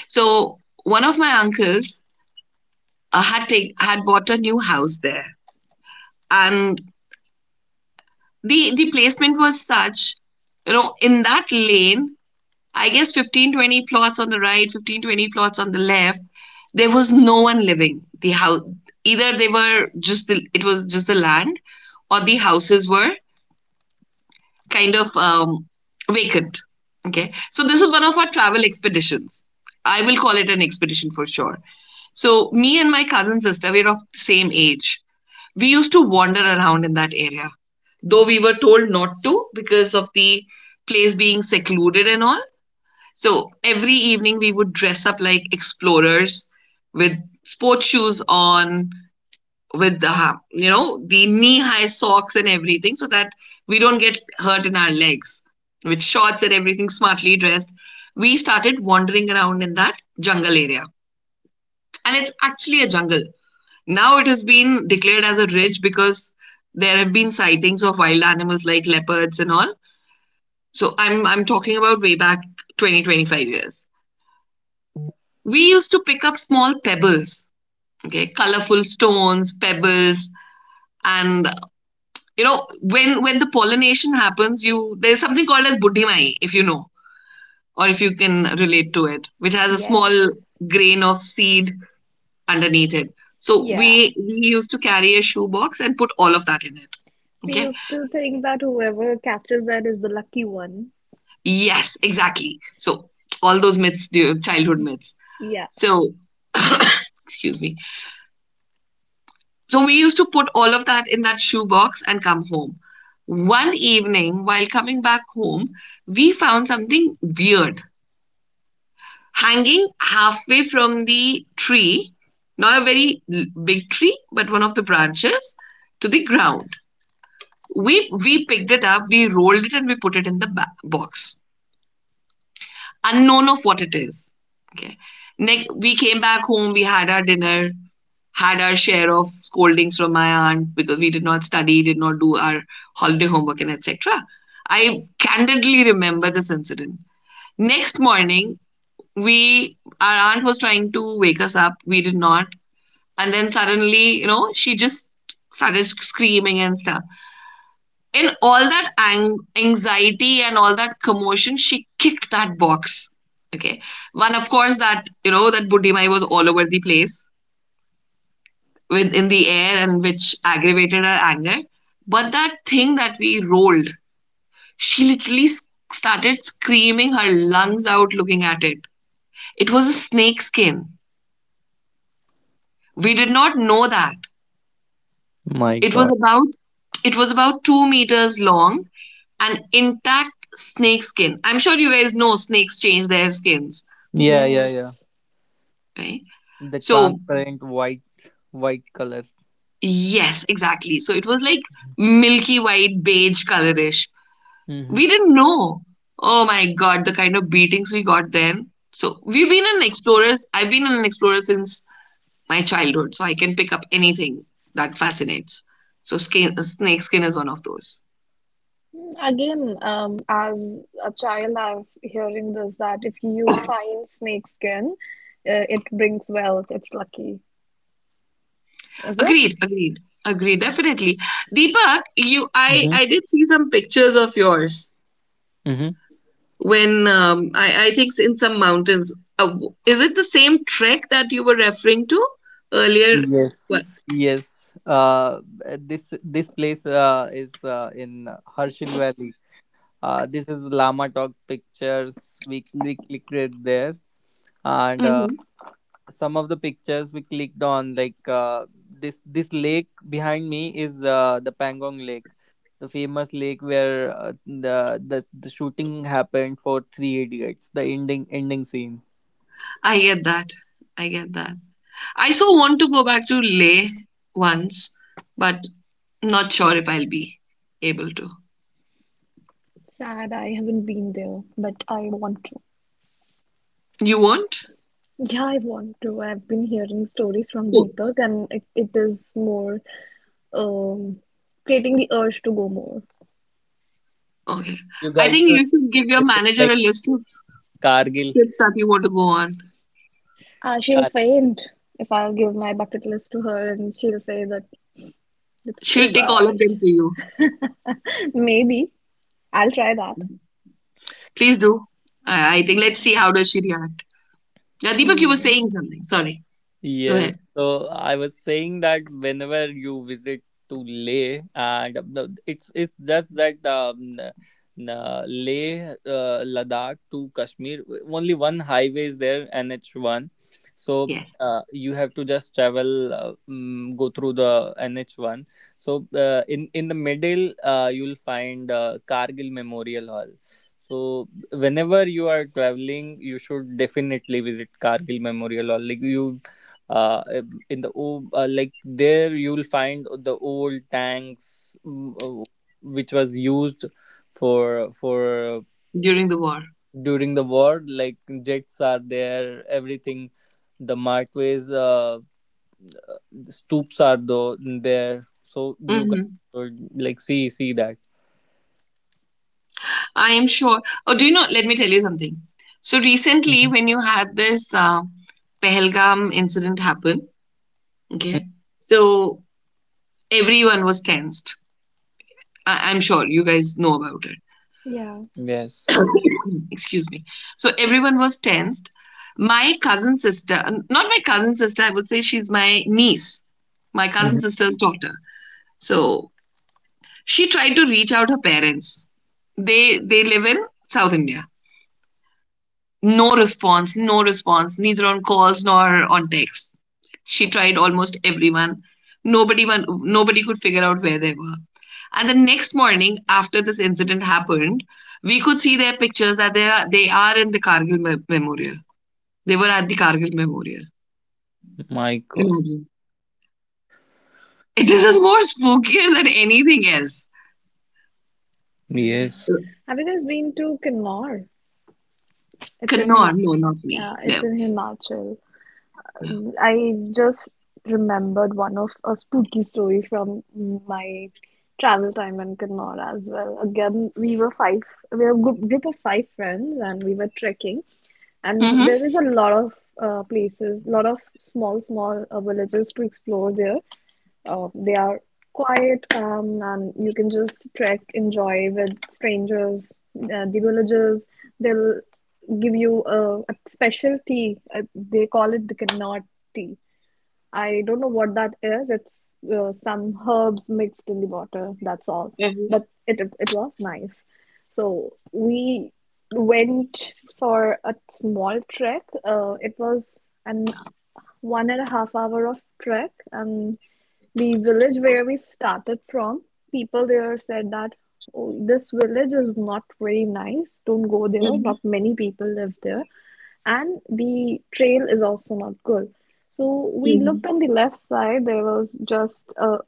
Speaker 2: So one of my uncles had bought a new house there, and the placement was such, you know, in that lane, I guess 15-20 plots on the right, 15-20 plots on the left. There was no one living the house. Either they were it was just the land, or the houses were kind of vacant. Okay, so this is one of our travel expeditions. I will call it an expedition for sure. So me and my cousin sister, we're of the same age. We used to wander around in that area, though we were told not to because of the place being secluded and all. So every evening we would dress up like explorers with sports shoes on, with the you know the knee high socks and everything, so that we don't get hurt in our legs. With shorts and everything smartly dressed, we started wandering around in that jungle area, and it's actually a jungle. Now it has been declared as a ridge because there have been sightings of wild animals like leopards and all. So I'm talking about way back 20-25 years. We used to pick up small pebbles, okay, colorful stones, pebbles, and you know, when the pollination happens, you there's something called as buddhimai, if you know or if you can relate to it, which has a small
Speaker 1: Yes.
Speaker 2: grain of seed underneath it. So
Speaker 1: Yeah.
Speaker 2: we used to carry a shoebox and put all of that in it.
Speaker 1: We
Speaker 2: Okay.
Speaker 1: used to think that whoever catches that is the lucky one.
Speaker 2: Yes, exactly. So all those myths, the childhood myths.
Speaker 1: Yeah.
Speaker 2: So excuse me. So we used to put all of that in that shoebox and come home. One evening, while coming back home, we found something weird hanging halfway from the tree, not a very big tree, but one of the branches to the ground. We picked it up, we rolled it, and we put it in the box, unknown of what it is. Okay. Next, we came back home, we had our dinner, had our share of scoldings from my aunt because we did not study, did not do our holiday homework, and etc. I candidly remember this incident. Next morning, we, our aunt was trying to wake us up. We did not, and then suddenly, she just started screaming and stuff. In all that anxiety and all that commotion, she kicked that box. Okay. One, of course, that, that Buddhimai was all over the place with in the air, and which aggravated her anger. But that thing that we rolled, she literally started screaming her lungs out looking at it. It was a snake skin. We did not know that.
Speaker 3: My
Speaker 2: It was
Speaker 3: God.
Speaker 2: about it was about 2 meters long, an intact snake skin. I'm sure you guys know snakes change their skins,
Speaker 3: Yeah, yeah, yeah.
Speaker 1: Yes.
Speaker 2: right?
Speaker 3: The
Speaker 2: So,
Speaker 3: transparent white, white colors.
Speaker 2: yes, exactly. So, it was like milky white, beige colorish.
Speaker 3: Mm-hmm.
Speaker 2: We didn't know. Oh my god, the kind of beatings we got then. So, we've been in explorers. I've been an explorer since my childhood, so I can pick up anything that fascinates. So, skin, snake skin is one of those.
Speaker 1: Again, as a child, I've hearing this that if you find snake skin, it brings wealth. It's lucky. Is it?
Speaker 2: Agreed, agreed, agreed, definitely. Deepak, I,
Speaker 3: Mm-hmm.
Speaker 2: I did see some pictures of yours when I think in some mountains. Uh, is it the same trek that you were referring to earlier?
Speaker 3: Mm-hmm.
Speaker 2: What?
Speaker 3: Yes. Yes. This place is in Harshil Valley. This is Lama Talk Pictures. We clicked it there, and
Speaker 2: Mhm.
Speaker 3: some of the pictures we clicked on, like, this lake behind me is, the Pangong Lake, the famous lake where, the shooting happened for Three Idiots, the ending scene.
Speaker 2: I get that. I get that. I so want to go back to Leh once, but not sure if I'll be able to.
Speaker 1: Sad, I haven't been there, but I want to.
Speaker 2: You won't?
Speaker 1: Yeah, I want to. I've been hearing stories from
Speaker 2: Oh,
Speaker 1: Deepak, and it is more um, creating the urge to go more.
Speaker 2: okay.
Speaker 3: You
Speaker 2: I
Speaker 3: guys
Speaker 2: think you
Speaker 3: should
Speaker 2: should give your
Speaker 3: visit,
Speaker 2: manager
Speaker 3: like,
Speaker 2: a list of
Speaker 3: Kargil.
Speaker 2: trips that you want to go on.
Speaker 1: She'll faint if I'll give my bucket list to her, and she'll say that it's
Speaker 2: She'll
Speaker 1: too
Speaker 2: take all of
Speaker 1: much.
Speaker 2: them for you.
Speaker 1: Maybe I'll try that.
Speaker 2: Please do. I think,
Speaker 1: Yeah.
Speaker 2: let's see how does she react. Yeah, Deepak, you were
Speaker 1: Hmm.
Speaker 2: saying something. Sorry. Go
Speaker 3: Yes,
Speaker 2: ahead.
Speaker 3: so I was saying that whenever you visit to Leh, it's just that Leh, Ladakh to Kashmir, only one highway is there, NH1. So
Speaker 2: Yes.
Speaker 3: uh, you have to just travel, go through the NH1. So in the middle, you'll find Kargil Memorial Hall. So whenever you are traveling, you should definitely visit Kargil Memorial Hall, like, you uh, in the like, there you will find the old tanks, uh, which was used for
Speaker 2: During the war.
Speaker 3: during the war, like jets are there, everything, the markways, uh, stoops are though there, so you guys
Speaker 2: Hmm.
Speaker 3: should, like, see that.
Speaker 2: I am sure. Oh, do you know? Let me tell you something. So recently,
Speaker 3: Mhm.
Speaker 2: when you had this Pehelgam incident happen,
Speaker 3: Mm,
Speaker 2: okay, so everyone was tensed. I'm sure you guys know about
Speaker 1: Yeah.
Speaker 3: yes.
Speaker 2: it. Excuse me. So everyone was tensed. My cousin sister, not my cousin sister, I would say she's my niece, my cousin
Speaker 3: Mhm.
Speaker 2: sister's daughter. So she tried to reach out her parents. They live in South India. No response, no response, neither on calls nor on texts. She tried almost everyone. Nobody, one, nobody could figure out where they were. And the next morning, after this incident happened, we could see their pictures that they are in the Kargil Memorial. They were at the Kargil Memorial.
Speaker 3: My God.
Speaker 2: Imagine. This is more spookier than anything else.
Speaker 1: Yeah.
Speaker 3: Yes,
Speaker 1: Have you guys been to Kinnaur? It's
Speaker 2: Can-
Speaker 1: in
Speaker 2: No,
Speaker 1: Hima.
Speaker 2: no, not me.
Speaker 1: Yeah, it's
Speaker 2: No,
Speaker 1: in Himachal.
Speaker 2: no.
Speaker 1: I just remembered one of a spooky story from my travel time in Kinnaur as well. Again, we were five, we were a group of five friends, and we were trekking. And
Speaker 2: Mm-hmm.
Speaker 1: there is a lot of places, lot of small villages to explore there. They are quiet, calm, and you can just trek, enjoy with strangers, the villagers. They'll give you a special tea. They call it the Connaught tea. I don't know what that is. It's some herbs mixed in the water. That's all.
Speaker 2: Mm-hmm.
Speaker 1: But it was nice. So we went for a small trek. It was an 1.5 hour of trek. The village where we started from, people there said that oh, this village is not very nice. Don't go there. Not many people live there and the trail is also not good. So we
Speaker 2: Mm-hmm.
Speaker 1: looked on the left side. There was just a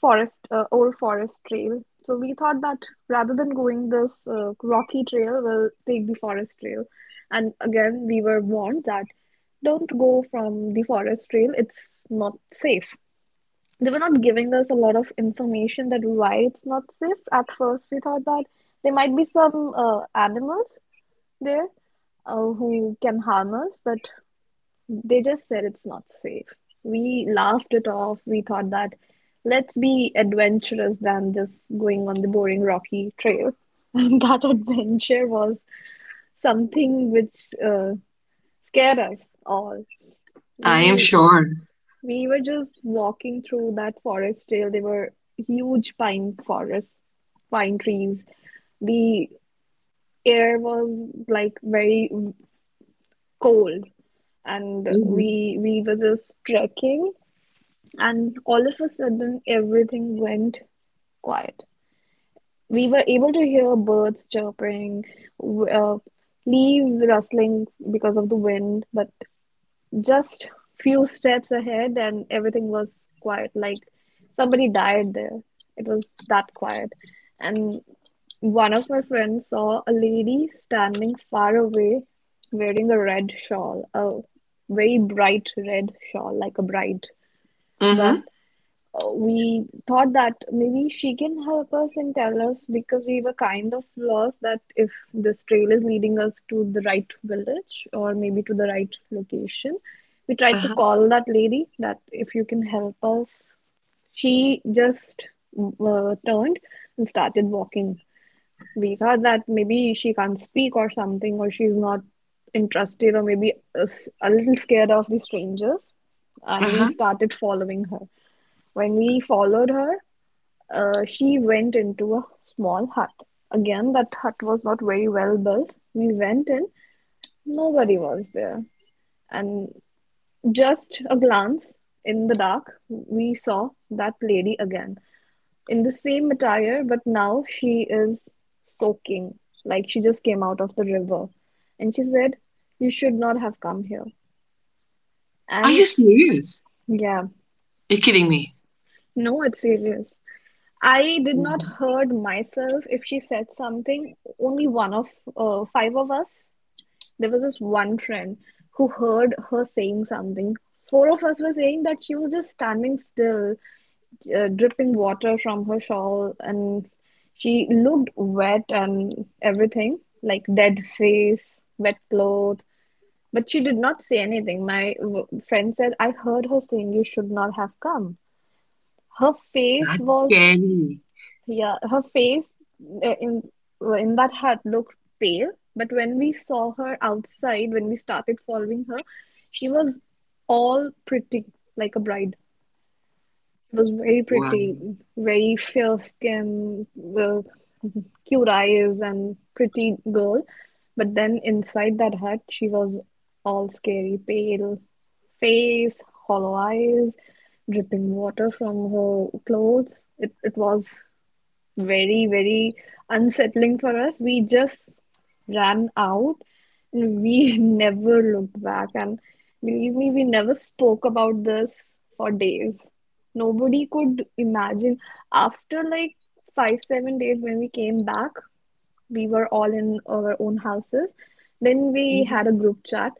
Speaker 1: forest, old forest trail. So we thought that rather than going this rocky trail, we'll take the forest trail. And again, we were warned that don't go from the forest trail, it's not safe. They were not giving us a lot of information that why it's not safe. At first, we thought that there might be some animals there who can harm us, but they just said it's not safe. We laughed it off. We thought that let's be adventurous than just going on the boring rocky trail. And that adventure was something which scared us all.
Speaker 2: I am
Speaker 1: We
Speaker 2: sure.
Speaker 1: we were just walking through that forest trail. There were huge pine forests, pine trees. The air was like very cold, and
Speaker 2: Mm-hmm.
Speaker 1: we were just trekking, and all of a sudden everything went quiet. We were able to hear birds chirping, w- uh, leaves rustling because of the wind, but just few steps ahead and everything was quiet, like somebody died there. It was that quiet. And one of my friends saw a lady standing far away wearing a red shawl, a very bright red shawl, like a bride.
Speaker 2: Mm-hmm.
Speaker 1: But we thought that maybe she can help us and tell us, because we were kind of lost, that if this trail is leading us to the right village or maybe to the right location. We tried to
Speaker 2: Uh-huh.
Speaker 1: call that lady that if you can help us. She just turned and started walking. We thought that maybe she can't speak or something, or she's not interested, or maybe a little scared of the strangers. And we
Speaker 2: Uh-huh.
Speaker 1: started following her. When we followed her, she went into a small hut. Again, that hut was not very well built. We went in, nobody was there. And just a glance in the dark, we saw that lady again in the same attire, but now she is soaking, like she just came out of the river. And she said, "You should not have come here."
Speaker 2: Are you
Speaker 1: And
Speaker 2: serious?
Speaker 1: yeah,
Speaker 2: You're kidding me.
Speaker 1: no, it's serious. I did not
Speaker 2: Mhm.
Speaker 1: hurt myself if she said something. Only one of five of us, there was just one friend who heard her saying something. Four of us were saying that she was just standing still, dripping water from her shawl, and she looked wet and everything, like dead face, wet clothes. But she did not say anything. My friend said, "I heard her saying you should not have come." Her face
Speaker 2: That's
Speaker 1: was,
Speaker 2: scary.
Speaker 1: yeah, her face uh, in in that hut looked pale, but when we saw her outside, when we started following her, she was all pretty, like a bride. She was very
Speaker 2: Wow.
Speaker 1: pretty, very fair skin, well, cute eyes, and pretty girl. But then inside that hut, she was all scary, pale face, hollow eyes, dripping water from her clothes. It was very, very unsettling for us. We just ran out and we never looked back. And believe me, we never spoke about this for days. Nobody could imagine. After like five, seven days when we came back, we were all in our own houses. Then we
Speaker 2: Mhm.
Speaker 1: had a group chat.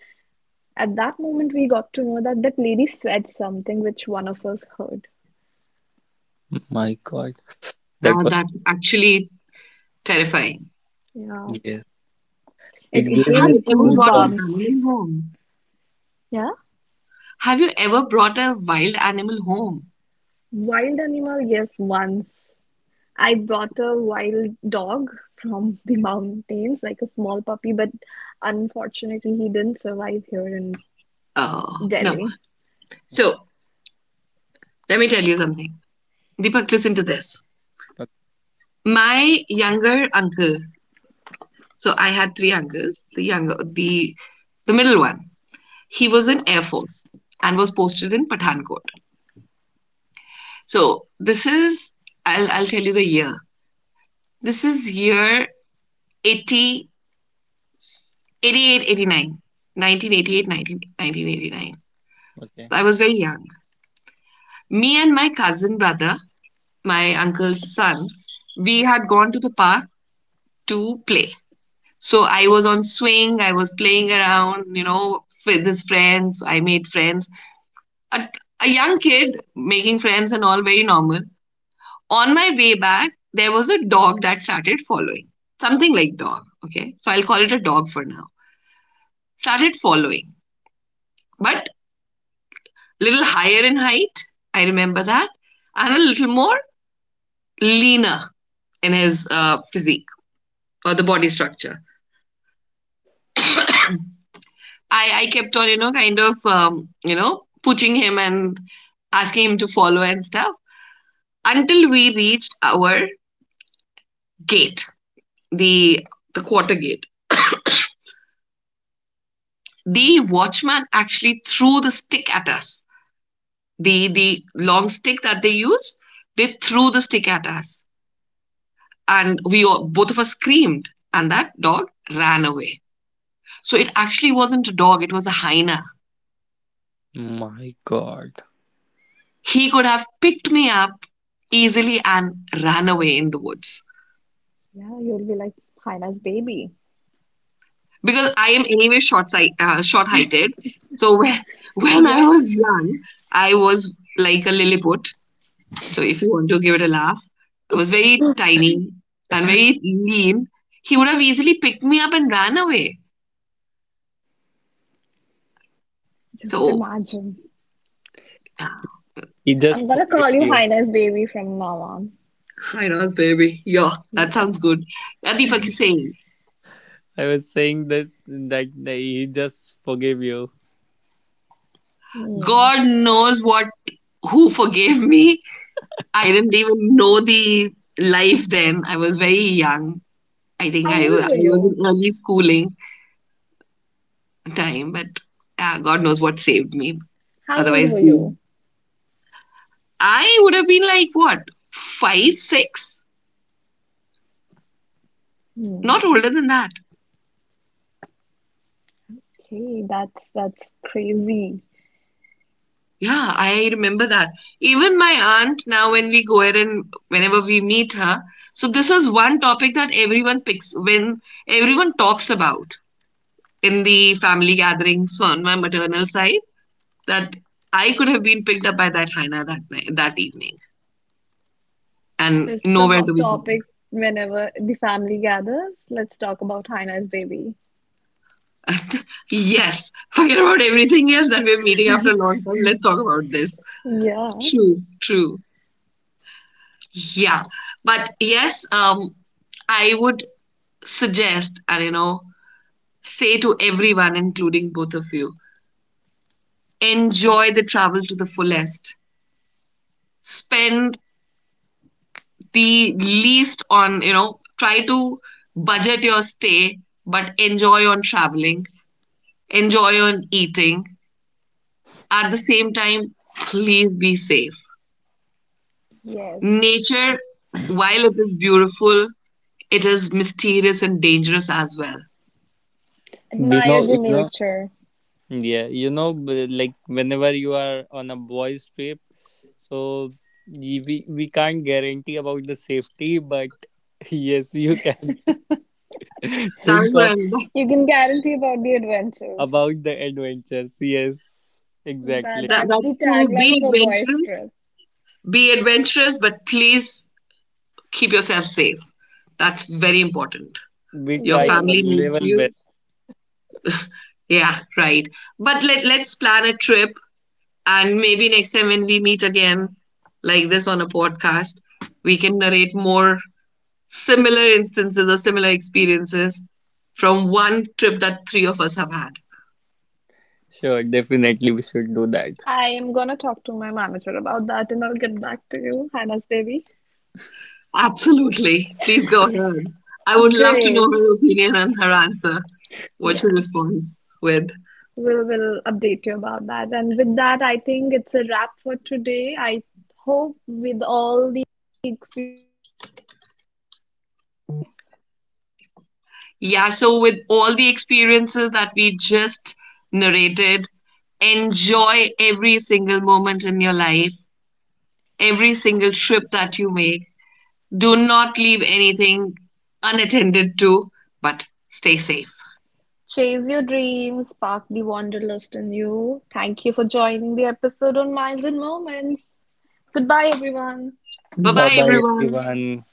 Speaker 1: At that moment, we got to know that that lady said something which one of us heard.
Speaker 3: my God, that
Speaker 2: That,
Speaker 3: was.
Speaker 2: that's actually terrifying.
Speaker 1: Yeah,
Speaker 3: Yes, it
Speaker 1: it
Speaker 3: gave
Speaker 1: gave
Speaker 3: me
Speaker 2: Have
Speaker 1: me
Speaker 2: you ever brought an
Speaker 3: goosebumps.
Speaker 1: goosebumps.
Speaker 2: animal home?
Speaker 1: Yeah.
Speaker 2: Have you ever brought a wild animal home?
Speaker 1: Wild animal, yes, once. I brought a wild dog from the mountains, like a small puppy, but unfortunately, he didn't survive here in
Speaker 2: Oh no.
Speaker 1: Delhi.
Speaker 2: So let me tell you something. Deepak, listen to this.
Speaker 3: Okay.
Speaker 2: My younger uncle. So I had three uncles. The younger, the middle one. He was in Air Force and was posted in Pathankot. So this is. I'll tell you the year. This is year 80, 88, 89. 1988, 1989.
Speaker 3: Okay.
Speaker 2: I was very young. Me and my cousin brother, my uncle's son, we had gone to the park to play. So I was on swing, I was playing around, with his friends. I made friends. A, a young kid making friends and all very normal. On my way back, there was a dog that started following. Something like dog, okay? So I'll call it a dog for now. Started following. But little higher in height. I remember that, and a little more leaner in his physique or the body structure. I kept on, kind of, pushing him and asking him to follow and stuff until we reached our gate, the the quarter gate. The watchman actually threw the stick at us. The long stick that they use, they threw the stick at us, and we all, both of us screamed, and that dog ran away. So it actually wasn't a dog, it was a hyena.
Speaker 3: My God.
Speaker 2: He could have picked me up easily and ran away in the woods.
Speaker 1: Yeah, you'll be like, Haina's baby.
Speaker 2: Because I am anyway short sight, short heighted. So when I
Speaker 1: Yeah,
Speaker 2: was young, I was like a Lilliput. So if you want to give it a laugh, I was very tiny and very lean. He would have easily picked me up and ran away.
Speaker 1: just
Speaker 2: So,
Speaker 1: imagine.
Speaker 2: yeah,
Speaker 3: He just
Speaker 1: I'm gonna
Speaker 3: forgave
Speaker 1: call you
Speaker 3: you.
Speaker 1: Haina's baby from now on.
Speaker 2: hyenas, baby. Yeah, that
Speaker 1: Yeah.
Speaker 2: sounds good. Yeah, Deepak is saying,
Speaker 3: I was saying this that he just forgave you.
Speaker 1: Hmm.
Speaker 2: God knows what who forgave me. I didn't even know the life then. I was very young. I
Speaker 1: How
Speaker 2: think I,
Speaker 1: old
Speaker 2: I
Speaker 1: were
Speaker 2: was
Speaker 1: you?
Speaker 2: in early schooling time, but God knows what saved me.
Speaker 1: How old
Speaker 2: Otherwise,
Speaker 1: were you?
Speaker 2: I would have been like what, five, six, not
Speaker 1: Hmm.
Speaker 2: older than that.
Speaker 1: Okay, that's crazy.
Speaker 2: Yeah, I remember that. Even my aunt now, when we go ahead and whenever we meet her, so this is one topic that everyone picks when everyone talks about in the family gatherings on my maternal side that I could have been picked up by that hyena that night, that evening,
Speaker 1: So
Speaker 2: and
Speaker 1: it's the
Speaker 2: nowhere to
Speaker 1: hot
Speaker 2: be found.
Speaker 1: topic whenever the family gathers. Let's talk about Haina's baby.
Speaker 2: Yes, forget about everything else that we're meeting after a long time. Let's talk about this.
Speaker 1: Yeah,
Speaker 2: True, true. Yeah, but yes, I would suggest, and say to everyone, including both of you, enjoy the travel to the fullest. Spend the least on, try to budget your stay, but enjoy on traveling, enjoy your eating. At the same time, please be safe.
Speaker 1: yes.
Speaker 2: Nature, while it is beautiful, it is mysterious and dangerous as well.
Speaker 3: We
Speaker 1: Admire
Speaker 3: know,
Speaker 1: the
Speaker 3: you know.
Speaker 1: nature.
Speaker 3: Yeah, like whenever you are on a boys' trip, so we can't guarantee about the safety, but yes, you can
Speaker 2: That's
Speaker 3: think
Speaker 2: what
Speaker 3: of
Speaker 2: I'm.
Speaker 1: You can guarantee about the adventures.
Speaker 3: about the adventures. Yes,
Speaker 1: That
Speaker 3: exactly.
Speaker 2: That,
Speaker 1: that's the
Speaker 2: that's so.
Speaker 1: tagline
Speaker 2: Be
Speaker 1: for boys
Speaker 2: adventurous.
Speaker 1: trip.
Speaker 2: Be adventurous, but please keep yourself safe. That's very important.
Speaker 3: We
Speaker 2: Your
Speaker 3: try our
Speaker 2: family
Speaker 1: Great.
Speaker 2: needs
Speaker 3: level
Speaker 2: you.
Speaker 3: best.
Speaker 2: Yeah, right. But let's plan a trip, and maybe next time when we meet again, like this on a podcast, we can narrate more similar instances or similar experiences from one trip that three of us have had.
Speaker 3: Sure, definitely we should do that.
Speaker 1: I am gonna talk to my manager about that and I'll get back to you, Hannah's baby.
Speaker 2: Absolutely. Please go ahead. I would love to know
Speaker 1: Great.
Speaker 2: her opinion and her answer. What's your
Speaker 1: Yeah.
Speaker 2: response with?
Speaker 1: We'll update you about that and
Speaker 2: Yeah, so with all the experiences that we just narrated, enjoy every single moment in your life, every single trip that you make. Do not leave anything unattended to, but stay safe.
Speaker 1: Chase your dreams, spark the wanderlust in you. Thank you for joining the episode on Miles and Moments. Goodbye, everyone.
Speaker 2: Bye
Speaker 3: Bye
Speaker 2: bye,
Speaker 3: bye,
Speaker 2: everyone.
Speaker 3: everyone.